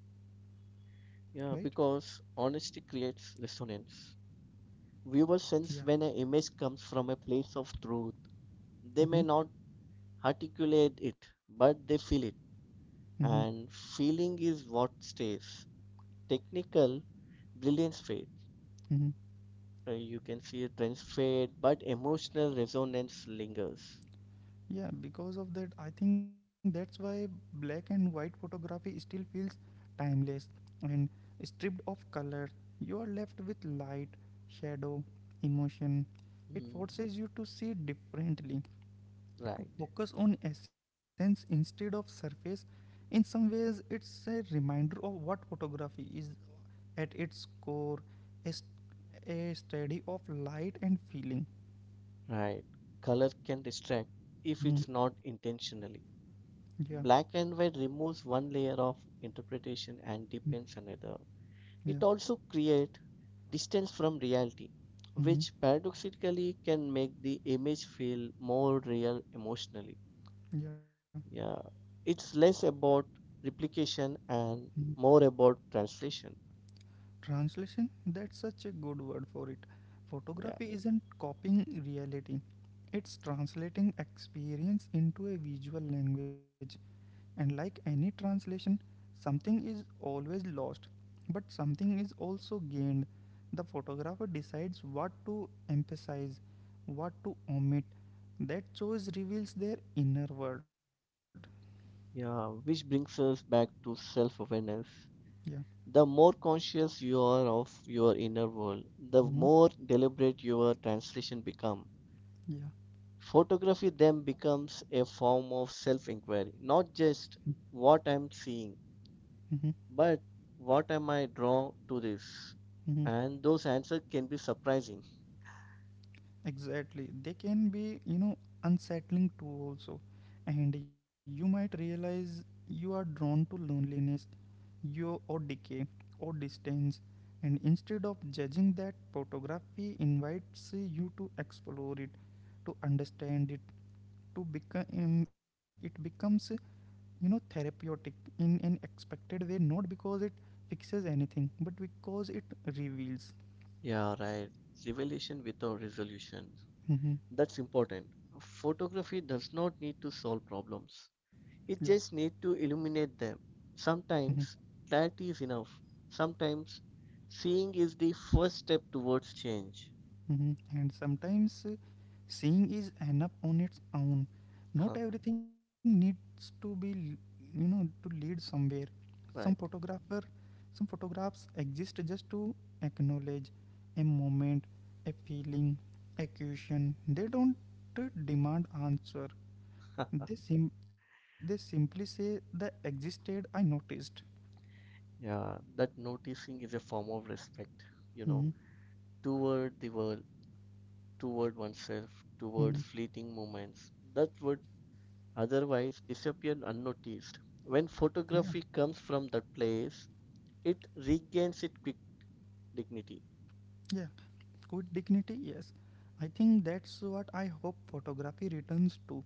Speaker 1: right?
Speaker 2: Yeah, because honesty creates resonance. Viewers
Speaker 1: Yeah.
Speaker 2: sense when an image comes from a place of truth. They
Speaker 1: Mm-hmm.
Speaker 2: may not articulate it, but they feel it.
Speaker 1: Mm-hmm.
Speaker 2: And feeling is what stays. Technical brilliance fades.
Speaker 1: Mm-hmm.
Speaker 2: You can see it trends fade, but emotional resonance lingers.
Speaker 1: Yeah, because of that, I think that's why black and white photography still feels timeless and stripped of color. You are left with light, shadow, emotion. It
Speaker 2: Mm,
Speaker 1: forces you to see differently, to
Speaker 2: right.
Speaker 1: focus on essence instead of surface. In some ways, it's a reminder of what photography is at its core, a, s- a study of light and feeling.
Speaker 2: Right. Color can distract if
Speaker 1: Mhm.
Speaker 2: it's not intentionally.
Speaker 1: Yeah.
Speaker 2: Black and white removes one layer of interpretation and
Speaker 1: Mhm.
Speaker 2: deepens another.
Speaker 1: Yeah.
Speaker 2: It also creates distance from reality,
Speaker 1: Mhm.
Speaker 2: which paradoxically can make the image feel more real emotionally.
Speaker 1: Yeah.
Speaker 2: Yeah. It's less about replication and
Speaker 1: Mhm.
Speaker 2: more about translation.
Speaker 1: Translation? That's such a good word for it.
Speaker 2: Yeah.
Speaker 1: Photography isn't copying reality, it's translating experience into a visual language. And like any translation, something is always lost, but something is also gained. The photographer decides what to emphasize, what to omit. That choice reveals their inner world.
Speaker 2: Yeah, which brings us back to self-awareness.
Speaker 1: Yeah.
Speaker 2: The more conscious you are of your inner world, the
Speaker 1: hmm
Speaker 2: more deliberate your translation become.
Speaker 1: Yeah.
Speaker 2: Photography then becomes a form of self-inquiry, not just what I'm seeing, but what am I drawn to this?
Speaker 1: hmm
Speaker 2: And those answers can be surprising.
Speaker 1: Exactly. They can be, unsettling too also. And you might realize you are drawn to loneliness, you or decay or distance. And instead of judging that, photography invites you to explore it, to understand it, to become it becomes, therapeutic in an expected way, not because it fixes anything, but because it reveals.
Speaker 2: Yeah, right. Revelation without resolution.
Speaker 1: Hmm
Speaker 2: That's important. Photography does not need to solve problems.
Speaker 1: Yeah.
Speaker 2: You just need to illuminate them.
Speaker 1: Mm-hmm.
Speaker 2: Sometimes clarity is enough. Sometimes seeing is the first step towards change.
Speaker 1: Mhm. And sometimes seeing is enough on its own. Not
Speaker 2: Huh,
Speaker 1: everything needs to be, to lead somewhere. Some
Speaker 2: right.
Speaker 1: photographer, some photographs exist just to acknowledge a moment, a feeling, a question. They don't demand answer. They simply say the existed. I noticed.
Speaker 2: Yeah, that noticing is a form of respect, you know,
Speaker 1: Hmm
Speaker 2: toward the world, toward oneself,
Speaker 1: hmm
Speaker 2: towards fleeting moments that would otherwise disappear unnoticed. When
Speaker 1: Yeah.
Speaker 2: photography comes from that place, it regains its quick dignity.
Speaker 1: Yeah. With dignity, yes. I think that's what I hope photography returns to,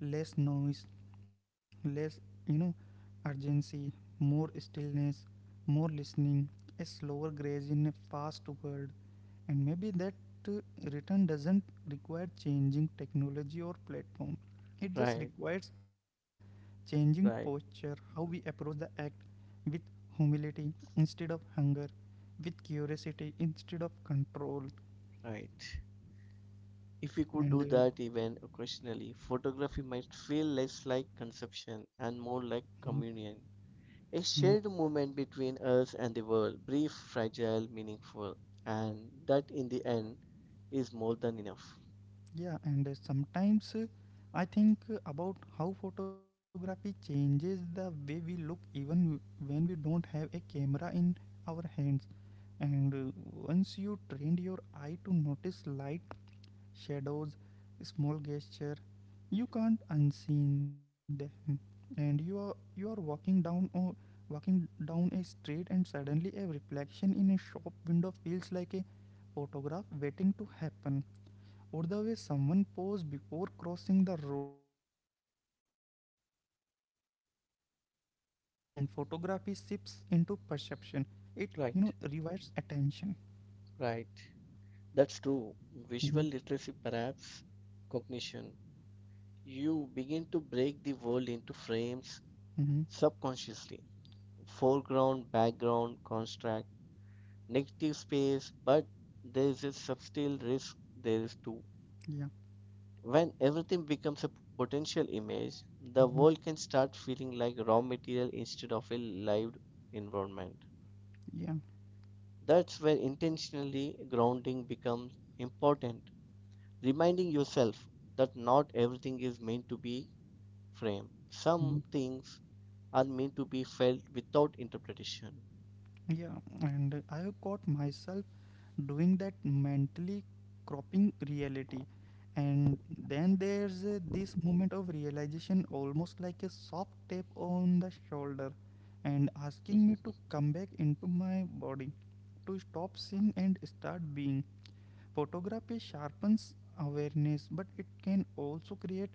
Speaker 1: less noise, less, you know, urgency, more stillness, more listening, a slower grace in a fast world. And maybe that uh, return doesn't require changing technology or platform, it just
Speaker 2: Right,
Speaker 1: requires changing
Speaker 2: right,
Speaker 1: posture, how we approach the act with humility instead of hunger, with curiosity instead of control,
Speaker 2: right. If we could
Speaker 1: and
Speaker 2: do
Speaker 1: uh,
Speaker 2: that even occasionally, photography might feel less like consumption and more
Speaker 1: mm,
Speaker 2: like communion.
Speaker 1: mm,
Speaker 2: A shared moment between us and the world, brief, fragile, meaningful, and that in the end is more than enough.
Speaker 1: yeah. And uh, sometimes uh, i think uh, about how photography changes the way we look even when we don't have a camera in our hands. And once you trained your eye to notice light, shadows, small gesture. You can't unseen them, and you are walking down or walking down a street, and suddenly a reflection in a shop window feels like a photograph waiting to happen. Or the way someone posed before crossing the road feels loaded with meaning, and photography shifts into perception. It
Speaker 2: Right,
Speaker 1: rewires attention.
Speaker 2: right. That's true.
Speaker 1: Mm-hmm.
Speaker 2: Visual literacy, perhaps cognition. You begin to break the world into frames
Speaker 1: Mm-hmm.
Speaker 2: subconsciously, foreground, background, construct, negative space, but there is a subtle risk there is too.
Speaker 1: Yeah.
Speaker 2: When everything becomes a potential image, the
Speaker 1: Mm-hmm.
Speaker 2: world can start feeling like raw material instead of a lived environment.
Speaker 1: Yeah.
Speaker 2: That's where intentionally grounding becomes important, reminding yourself that not everything is meant to be framed. Some
Speaker 1: Mm-hmm.
Speaker 2: things are meant to be felt without interpretation.
Speaker 1: Yeah, and I have caught myself doing that mentally cropping reality. And then there's this moment of realization, almost like a soft tap on the shoulder, and asking me to come back into my body, to stop seeing and start being. Photography sharpens awareness, but it can also create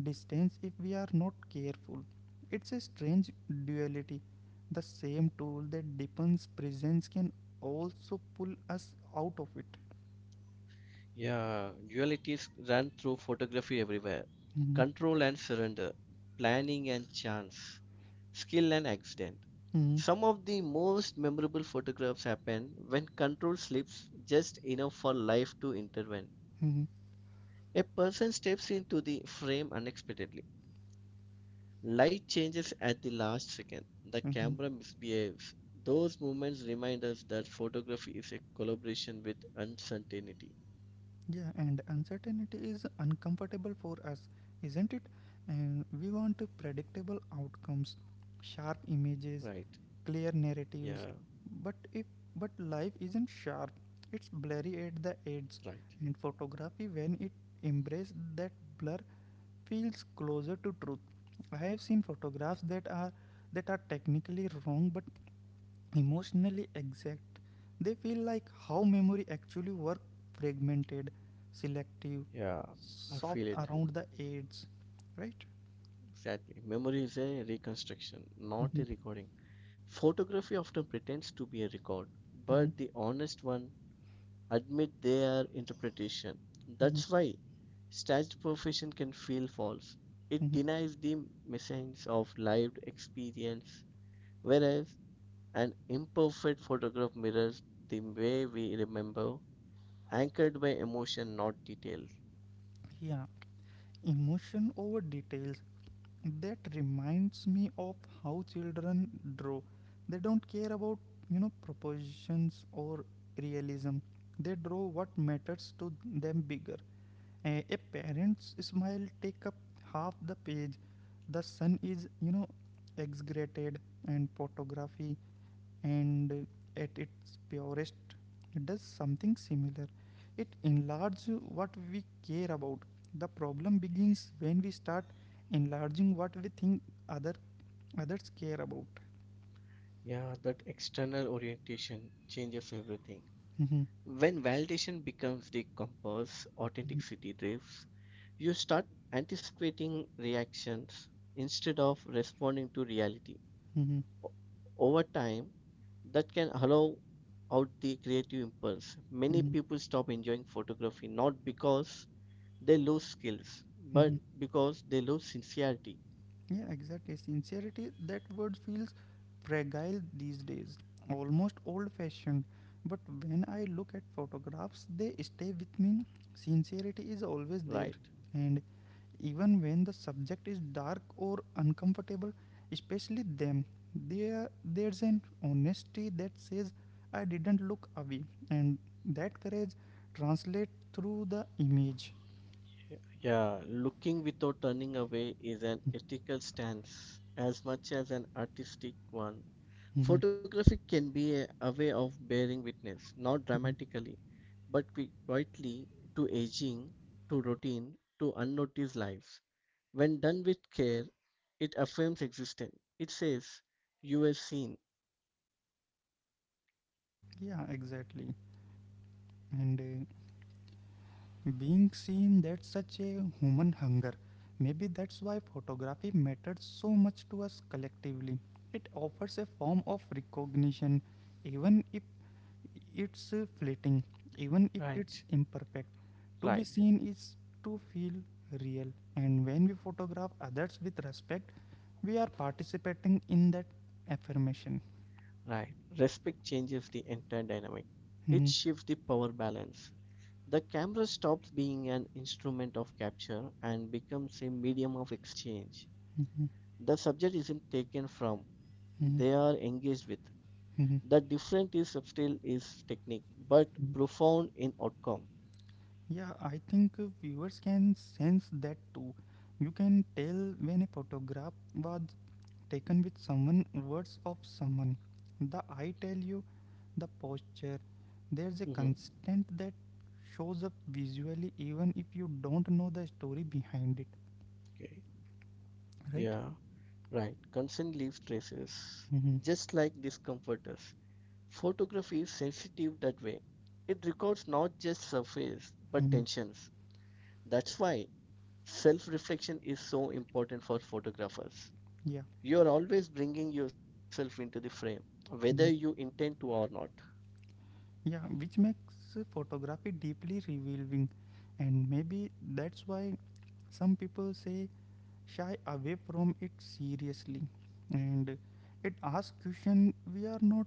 Speaker 1: distance if we are not careful. It's a strange duality. The same tool that deepens presence can also pull us out of it.
Speaker 2: Yeah, dualities run through photography everywhere.
Speaker 1: Mhm.
Speaker 2: Control and surrender, planning and chance, skill and accident.
Speaker 1: Mhm.
Speaker 2: Some of the most memorable photographs happen when control slips just enough for life to intervene.
Speaker 1: Mhm.
Speaker 2: A person steps into the frame unexpectedly. Light changes at the last second. The
Speaker 1: Mhm.
Speaker 2: camera misbehaves. Those moments remind us that photography is a collaboration with uncertainty.
Speaker 1: Yeah, and uncertainty is uncomfortable for us, isn't it? And we want predictable outcomes,
Speaker 2: Right.
Speaker 1: sharp images,
Speaker 2: Yeah,
Speaker 1: clear narratives. But if but life isn't sharp, it's blurry at the
Speaker 2: right.
Speaker 1: edges. And photography, when it embraces that blur, feels closer to truth. I have seen photographs that are technically wrong but emotionally exact. They feel like how memory actually work, fragmented, selective,
Speaker 2: Yeah, I feel
Speaker 1: soft
Speaker 2: it.
Speaker 1: around the edges, right?
Speaker 2: Exactly. Memory is a reconstruction, not a
Speaker 1: Mhm.
Speaker 2: recording. Photography often pretends to be a record,
Speaker 1: Mhm.
Speaker 2: but the honest one admit their interpretation.
Speaker 1: Mhm.
Speaker 2: That's why staged profession can feel false. It
Speaker 1: Mhm.
Speaker 2: denies the essence of lived experience, whereas an imperfect photograph mirrors the way we remember, anchored by emotion, not details.
Speaker 1: Yeah, emotion over details. That reminds me of how children draw. They don't care about propositions or realism. They draw what matters to them bigger. A parent's smile take up half the page. The sun is, exaggerated, and photography and at its purest does something similar. It enlarges what we care about. The problem begins when we start enlarging what we think other others care about.
Speaker 2: Yeah, that external orientation changes everything. When validation becomes the compass, authenticity drifts. You start anticipating reactions instead of responding to reality. Over time, that can hollow out the creative impulse. Many people stop enjoying photography not because they lose skills, but because they lose sincerity,
Speaker 1: Yeah, exactly. Sincerity, that word feels fragile these days, almost old fashioned. But when I look at photographs, they stay with me. Sincerity is always there.
Speaker 2: right?
Speaker 1: And even when the subject is dark or uncomfortable, especially them, there's an honesty that says I didn't look away. And that courage translates through the image.
Speaker 2: Yeah, looking without turning away is an ethical stance as much as an artistic one.
Speaker 1: Mhm.
Speaker 2: Photography can be a way of bearing witness, not
Speaker 1: Mhm.
Speaker 2: dramatically, but quietly to aging, to routine, to unnoticed lives. When done with care, it affirms existence. It says, You were seen.
Speaker 1: Yeah, exactly. And being seen, that's such a human hunger. Maybe that's why photography matters so much to us collectively. It offers a form of recognition, even if it's fleeting, even if
Speaker 2: Right,
Speaker 1: it's imperfect. To be
Speaker 2: right,
Speaker 1: seen is to feel real, and when we photograph others with respect, we are participating in that affirmation.
Speaker 2: right. Respect changes the entire dynamic, it shifts the power balance. The camera stops being an instrument of capture and becomes a medium of exchange. The subject isn't taken from, they are engaged with. The difference is subtle is technique, but profound in outcome.
Speaker 1: Yeah, I think viewers can sense that too. You can tell when a photograph was taken with someone, words of someone. The eye tell you, the posture. There's a
Speaker 2: Hmm.
Speaker 1: constant that shows up visually even if you don't know the story behind it,
Speaker 2: Okay.
Speaker 1: right?
Speaker 2: Yeah. Right. Consent leaves traces,
Speaker 1: Mm-hmm.
Speaker 2: just like discomfort does. Photography is sensitive that way. It records not just surface, but
Speaker 1: Mm-hmm.
Speaker 2: tensions. That's why self reflection is so important for photographers.
Speaker 1: Yeah.
Speaker 2: You are always bringing yourself into the frame, whether you
Speaker 1: Mhm.
Speaker 2: intend to or not.
Speaker 1: Yeah, which makes photography deeply revealing, and maybe that's why some people say shy away from it seriously, and it asks question we are not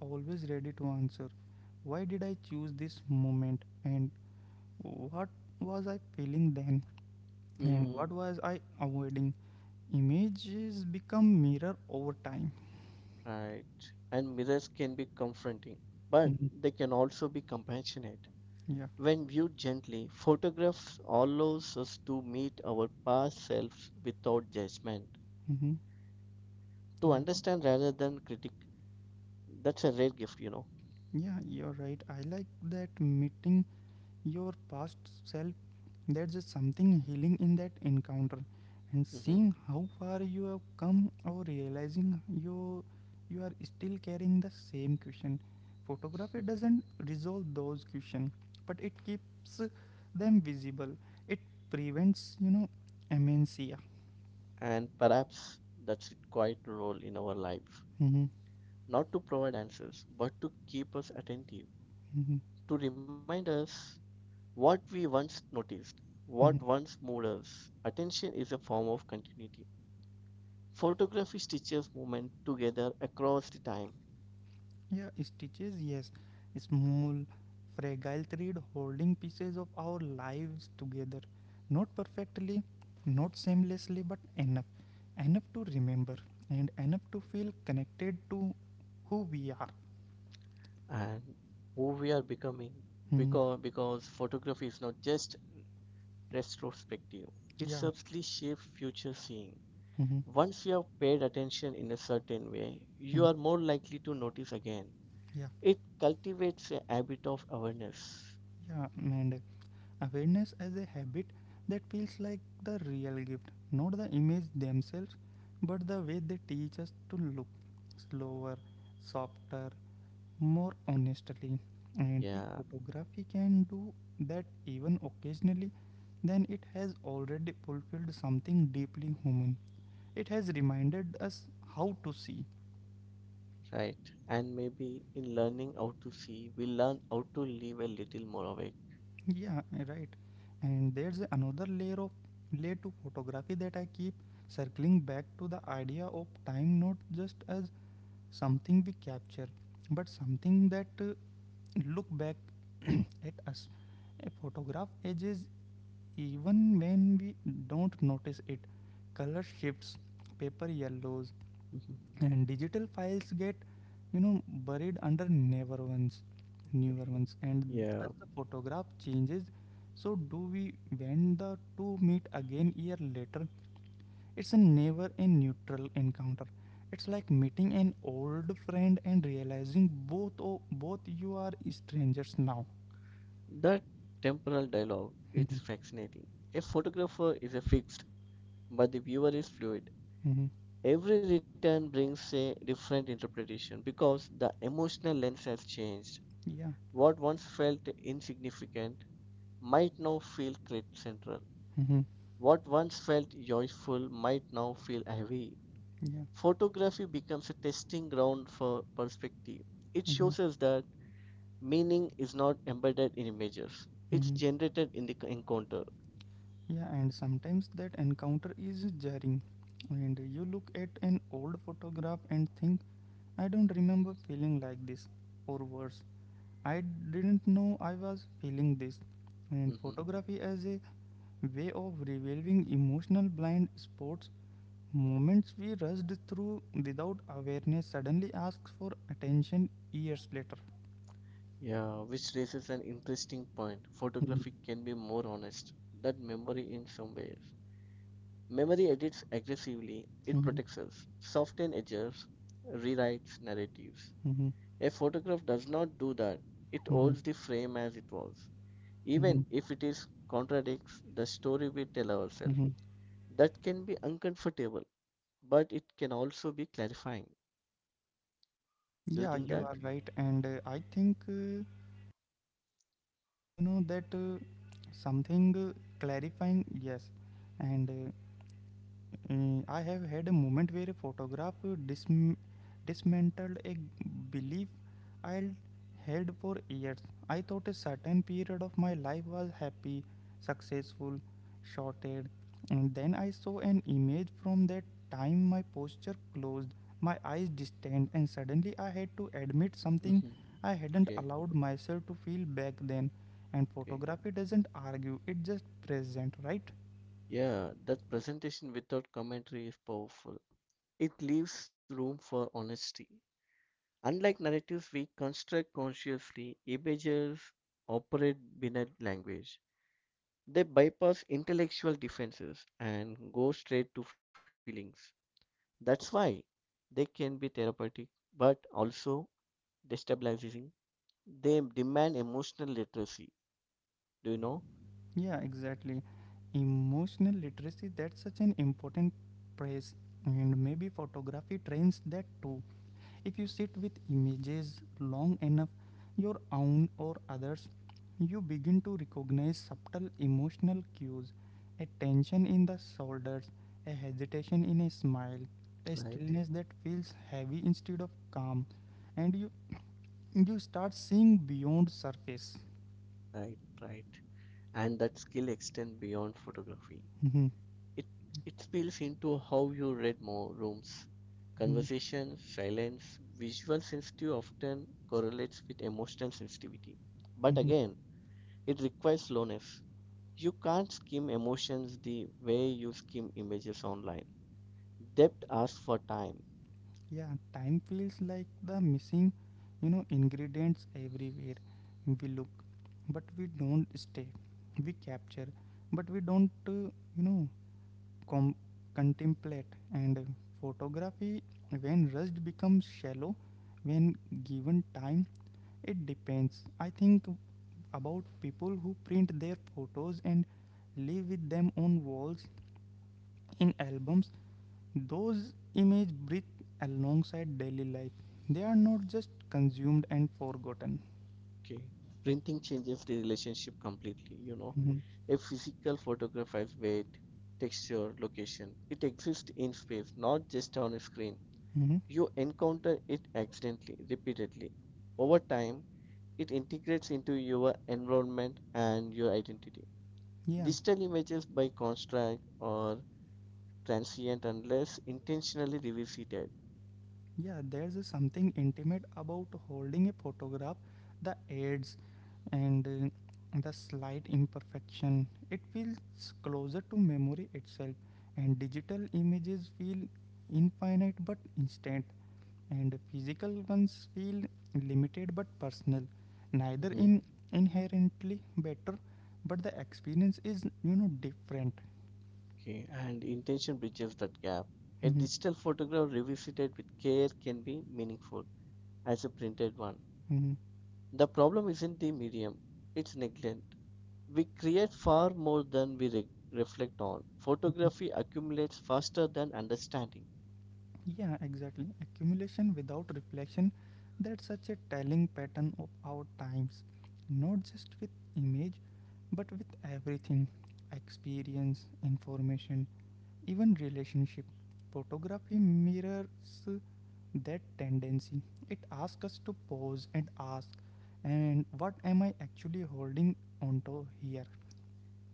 Speaker 1: always ready to answer. Why did I choose this moment, and what was I feeling then, and what
Speaker 2: Mm,
Speaker 1: was I avoiding? Images become mirror over time.
Speaker 2: right. And mirrors can be confronting, but
Speaker 1: Mhm.
Speaker 2: they can also be compassionate.
Speaker 1: Yeah.
Speaker 2: When viewed gently, photographs allows us to meet our past selves without judgment,
Speaker 1: Hmm.
Speaker 2: to
Speaker 1: Yeah,
Speaker 2: understand rather than critic. That's a rare gift, you know.
Speaker 1: yeah, you're right, I like that meeting your past self. There's just something healing in that encounter, and seeing
Speaker 2: Hmm.
Speaker 1: how far you have come, or realizing you you are still carrying the same question. Photography doesn't resolve those questions, but it keeps them visible. It prevents, amnesia.
Speaker 2: And perhaps that's its quiet role in our life.
Speaker 1: Mhm,
Speaker 2: Not to provide answers, but to keep us attentive,
Speaker 1: mhm,
Speaker 2: to remind us What we once noticed,
Speaker 1: mhm.
Speaker 2: what once moved us, attention is a form of continuity. Photography stitches movement together across the time
Speaker 1: Yeah, stitches, yes. Small, fragile thread holding pieces of our lives together. Not perfectly, not seamlessly, but enough. Enough to remember and enough to feel connected to who we are.
Speaker 2: and who we are becoming
Speaker 1: Mhm.
Speaker 2: because photography is not just retrospective, it
Speaker 1: Yeah.
Speaker 2: subtly shapes future seeing.
Speaker 1: Mhm.
Speaker 2: Once you have paid attention in a certain way, you
Speaker 1: Mhm.
Speaker 2: are more likely to notice again.
Speaker 1: Yeah.
Speaker 2: It cultivates a habit of awareness.
Speaker 1: Yeah. And awareness as a habit, that feels like the real gift. Not the image themselves, but the way they teach us to look slower, softer, more honestly. And if
Speaker 2: Yeah.
Speaker 1: photography can do that even occasionally, then it has already fulfilled something deeply human. It has reminded us how to see.
Speaker 2: Right. And maybe in learning how to see, we learn how to live a little more awake.
Speaker 1: Yeah, right. And there's another layer of layer to photography that I keep circling back to, the idea of time not just as something we capture, but something that look back at us. A photograph ages. Even when we don't notice it, color shifts, paper yellows,
Speaker 2: Mhm.
Speaker 1: and digital files get, buried under newer ones,
Speaker 2: Okay.
Speaker 1: newer ones. And as
Speaker 2: Yeah.
Speaker 1: the photograph changes, so do we. When the two meet again year later, it's a never a neutral encounter. It's like meeting an old friend and realizing both o both you are strangers now.
Speaker 2: That temporal dialogue, it's fascinating. A photographer is a fixed, but the viewer is fluid.
Speaker 1: Mhm. Mhm.
Speaker 2: Every return brings a different interpretation because the emotional lens has changed.
Speaker 1: Yeah.
Speaker 2: What once felt insignificant might now feel central.
Speaker 1: Mhm.
Speaker 2: What once felt joyful might now feel heavy.
Speaker 1: Yeah.
Speaker 2: Photography becomes a testing ground for perspective. It
Speaker 1: Mhm.
Speaker 2: shows us that meaning is not embedded in images, it's
Speaker 1: Mhm.
Speaker 2: generated in the encounter.
Speaker 1: Yeah, and sometimes that encounter is jarring. And you look at an old photograph and think, I don't remember feeling like this, or worse, I didn't know I was feeling this. And
Speaker 2: Hmm.
Speaker 1: photography as a way of revealing emotional blind spots, moments we rushed through without awareness, suddenly asks for attention years later.
Speaker 2: Yeah, which raises an interesting point.
Speaker 1: Mhm.
Speaker 2: Photography can be more honest than memory in some ways. Memory edits aggressively, it
Speaker 1: Mhm.
Speaker 2: protects us, softens edges, rewrites narratives.
Speaker 1: Mhm.
Speaker 2: A photograph does not do that, it
Speaker 1: Mhm.
Speaker 2: holds the frame as it was, even
Speaker 1: Mhm.
Speaker 2: if it is contradicts the story we tell ourselves.
Speaker 1: Mhm.
Speaker 2: That can be uncomfortable, but it can also be clarifying. Do you
Speaker 1: Yeah,
Speaker 2: think
Speaker 1: you
Speaker 2: that?
Speaker 1: are right. And I think, that something clarifying, yes. And I have had a moment where a photograph dism- dismantled a belief I held for years. I thought a certain period of my life was happy, successful, shorted. And then I saw an image from that time, my posture closed, my eyes distant, and suddenly I had to admit something
Speaker 2: Hmm.
Speaker 1: I hadn't
Speaker 2: Okay,
Speaker 1: allowed myself to feel back then. And
Speaker 2: okay.
Speaker 1: photography doesn't argue, it just present, right?
Speaker 2: Yeah, that presentation without commentary is powerful. It leaves room for honesty. Unlike narratives we construct consciously, images operate binary language. They bypass intellectual defenses and go straight to feelings. That's why they can be therapeutic, but also destabilizing. They demand emotional literacy. Do you know?
Speaker 1: Yeah, exactly. Emotional literacy, that's such an important phrase. And maybe photography trains that too. If you sit with images long enough, your own or others, you begin to recognize subtle emotional cues, a tension in the shoulders, a hesitation in a smile, a
Speaker 2: Right,
Speaker 1: stillness that feels heavy instead of calm. And you start seeing beyond surface.
Speaker 2: right, right. And that skill extends beyond photography. It it spills into how you read more rooms. Conversation, silence, visual sensitivity often correlates with emotional sensitivity. But again, it requires slowness. You can't skim emotions the way you skim images online. Depth asks for time.
Speaker 1: Yeah, time feels like the missing, ingredients everywhere. We look, but we don't stay. We capture, but we don't, you know, com- contemplate. And photography, when rushed, becomes shallow. When given time, it depends. I think about people who print their photos and live with them on walls, in albums. Those images breathe alongside daily life. They are not just consumed and forgotten.
Speaker 2: Okay. Printing changes the relationship completely, you know.
Speaker 1: Mhm.
Speaker 2: A physical photograph has weight, texture, location. It exists in space, not just on a screen.
Speaker 1: Mhm.
Speaker 2: You encounter it accidentally, repeatedly. Over time, it integrates into your environment and your identity.
Speaker 1: Yeah,
Speaker 2: Digital images, by contrast, are transient unless intentionally revisited.
Speaker 1: yeah, there's a something intimate about holding a photograph, the edges and the slight imperfection. It feels closer to memory itself, and digital images feel infinite but instant, and physical ones feel limited but personal. Neither
Speaker 2: Mhm.
Speaker 1: in inherently better, but the experience is, different.
Speaker 2: Okay, and intention bridges that gap. A
Speaker 1: Mhm,
Speaker 2: digital photograph revisited with care can be meaningful as a printed one.
Speaker 1: mhm,
Speaker 2: The problem isn't the medium, it's neglect. We create far more than we reflect on.
Speaker 1: mhm.
Speaker 2: Photography accumulates faster than understanding.
Speaker 1: Yeah, exactly, accumulation without reflection, that's such a telling pattern of our times. Not just with image, but with everything, experience, information, even relationship. Photography mirrors that tendency. It asks us to pause and ask, and what am I actually holding onto here?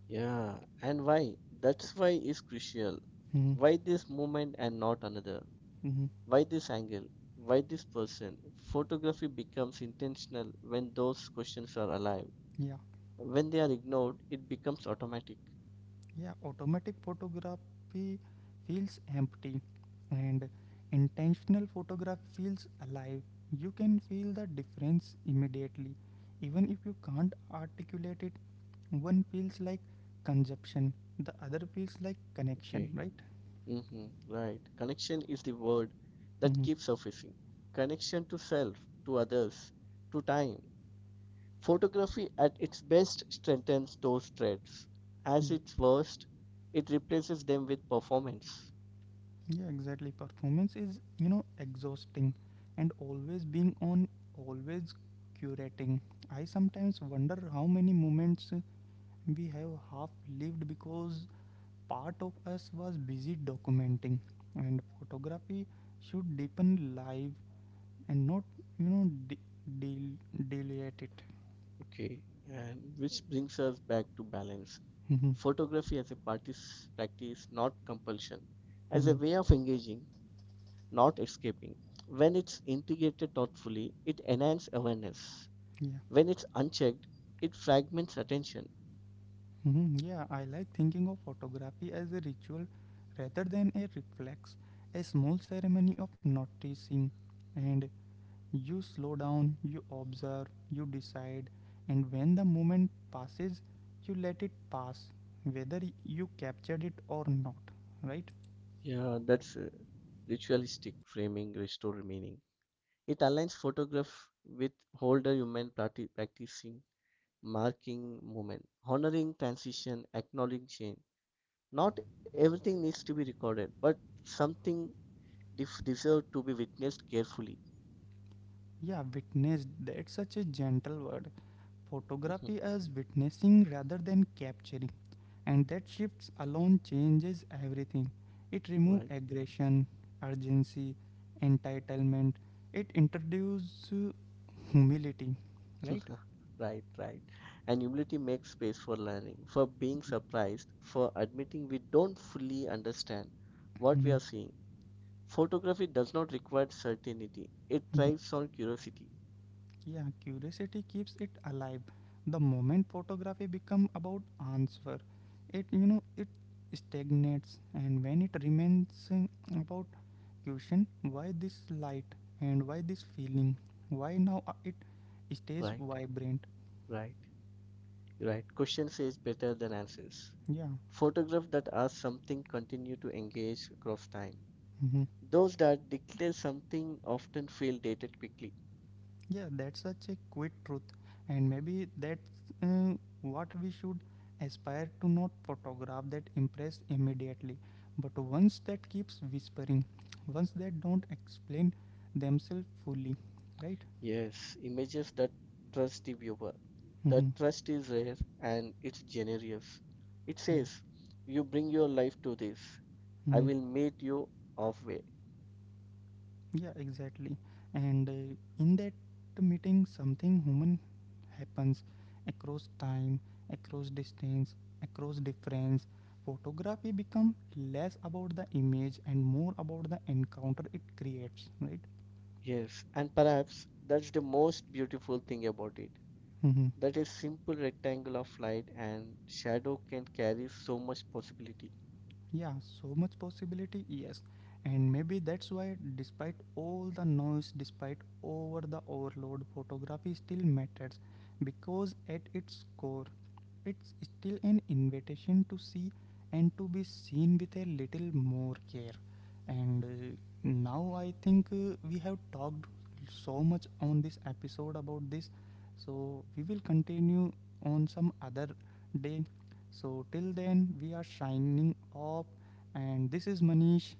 Speaker 2: Yeah, and why? That's why is crucial.
Speaker 1: Hmm.
Speaker 2: Why this moment and not another?
Speaker 1: Hmm.
Speaker 2: Why this angle? Why this person? Photography becomes intentional when those questions are alive.
Speaker 1: Yeah,
Speaker 2: When they are ignored, it becomes automatic.
Speaker 1: yeah. Automatic photography feels empty, and intentional photography feels alive. You can feel the difference immediately, even if you can't articulate it. One feels like consumption, the other feels like connection,
Speaker 2: Okay.
Speaker 1: right?
Speaker 2: Hmm. Right. Connection is the word that
Speaker 1: Hmm.
Speaker 2: keeps surfacing. Connection to self, to others, to time. Photography at its best strengthens those threads. As
Speaker 1: Yeah.
Speaker 2: its worst, it replaces them with performance.
Speaker 1: Yeah, exactly. Performance is, exhausting, and always being on, always curating. I sometimes wonder how many moments we have half lived because part of us was busy documenting. And photography should deepen life and not, you know, de- delete it.
Speaker 2: Okay, and which brings us back to balance. Photography as a practice, practice, not compulsion, as
Speaker 1: Mm-hmm.
Speaker 2: a
Speaker 1: Mm-hmm.
Speaker 2: way of engaging, not escaping. When it's integrated thoughtfully, it enhances awareness.
Speaker 1: Yeah.
Speaker 2: When it's unchecked, it fragments attention.
Speaker 1: Mhm. Yeah, I like thinking of photography as a ritual rather than a reflex, a small ceremony of noticing. And you slow down, you observe, you decide, and when the moment passes, you let it pass, whether you captured it or not, right?
Speaker 2: Yeah, that's a ritualistic framing restore meaning. It aligns photograph with older human practicing marking moment, honoring transition, acknowledging change. Not everything needs to be recorded, but something deserve to be witnessed carefully.
Speaker 1: Yeah, witnessed, that's such a gentle word. Photography as witnessing rather than capturing. And that shift alone changes everything. It removes
Speaker 2: Right.
Speaker 1: aggression, urgency, entitlement. It introduces humility, right?
Speaker 2: Right, right. And humility makes space for learning, for being surprised, for admitting we don't fully understand what we
Speaker 1: Mhm.
Speaker 2: are seeing. Photography does not require certainty, it
Speaker 1: Mhm.
Speaker 2: thrives on curiosity.
Speaker 1: Yeah, curiosity keeps it alive. The moment photography become about answer, it, it stagnates, and when it remains about question, why this light and why this feeling, why now, it stays
Speaker 2: Right,
Speaker 1: vibrant.
Speaker 2: right, right. Question says better than answers.
Speaker 1: Yeah.
Speaker 2: Photographs that ask something continue to engage across time.
Speaker 1: Mhm.
Speaker 2: Those that declare something often feel dated quickly.
Speaker 1: Yeah, that's such a quick truth, and maybe that's uh, what we should aspire to. Not photograph that impress immediately, but once that keeps whispering, once that don't explain themselves fully, right?
Speaker 2: Yes, images that trust the viewer.
Speaker 1: Mm-hmm.
Speaker 2: That trust is rare and it's generous. It
Speaker 1: Yeah.
Speaker 2: says, You bring your life to this. I
Speaker 1: Mhm.
Speaker 2: will meet you halfway.
Speaker 1: Yeah, exactly. And in that meeting, something human happens, across time, across distance, across difference. Photography become less about the image and more about the encounter it creates, right?
Speaker 2: Yes, and perhaps that's the most beautiful thing about it.
Speaker 1: Mm-hmm.
Speaker 2: That a simple rectangle of light and shadow can carry so much possibility.
Speaker 1: Yeah, so much possibility, yes. And maybe that's why, despite all the noise, despite over the overload, photography still matters, because at its core, it's still an invitation to see and to be seen with a little more care. And now I think we have talked so much on this episode about this, so we will continue on some other day. So, till then, we are signing off, and this is Manish.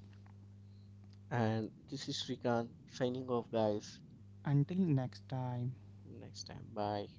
Speaker 2: And this is Srikanth signing off, guys.
Speaker 1: Until next time.
Speaker 2: Next time, bye.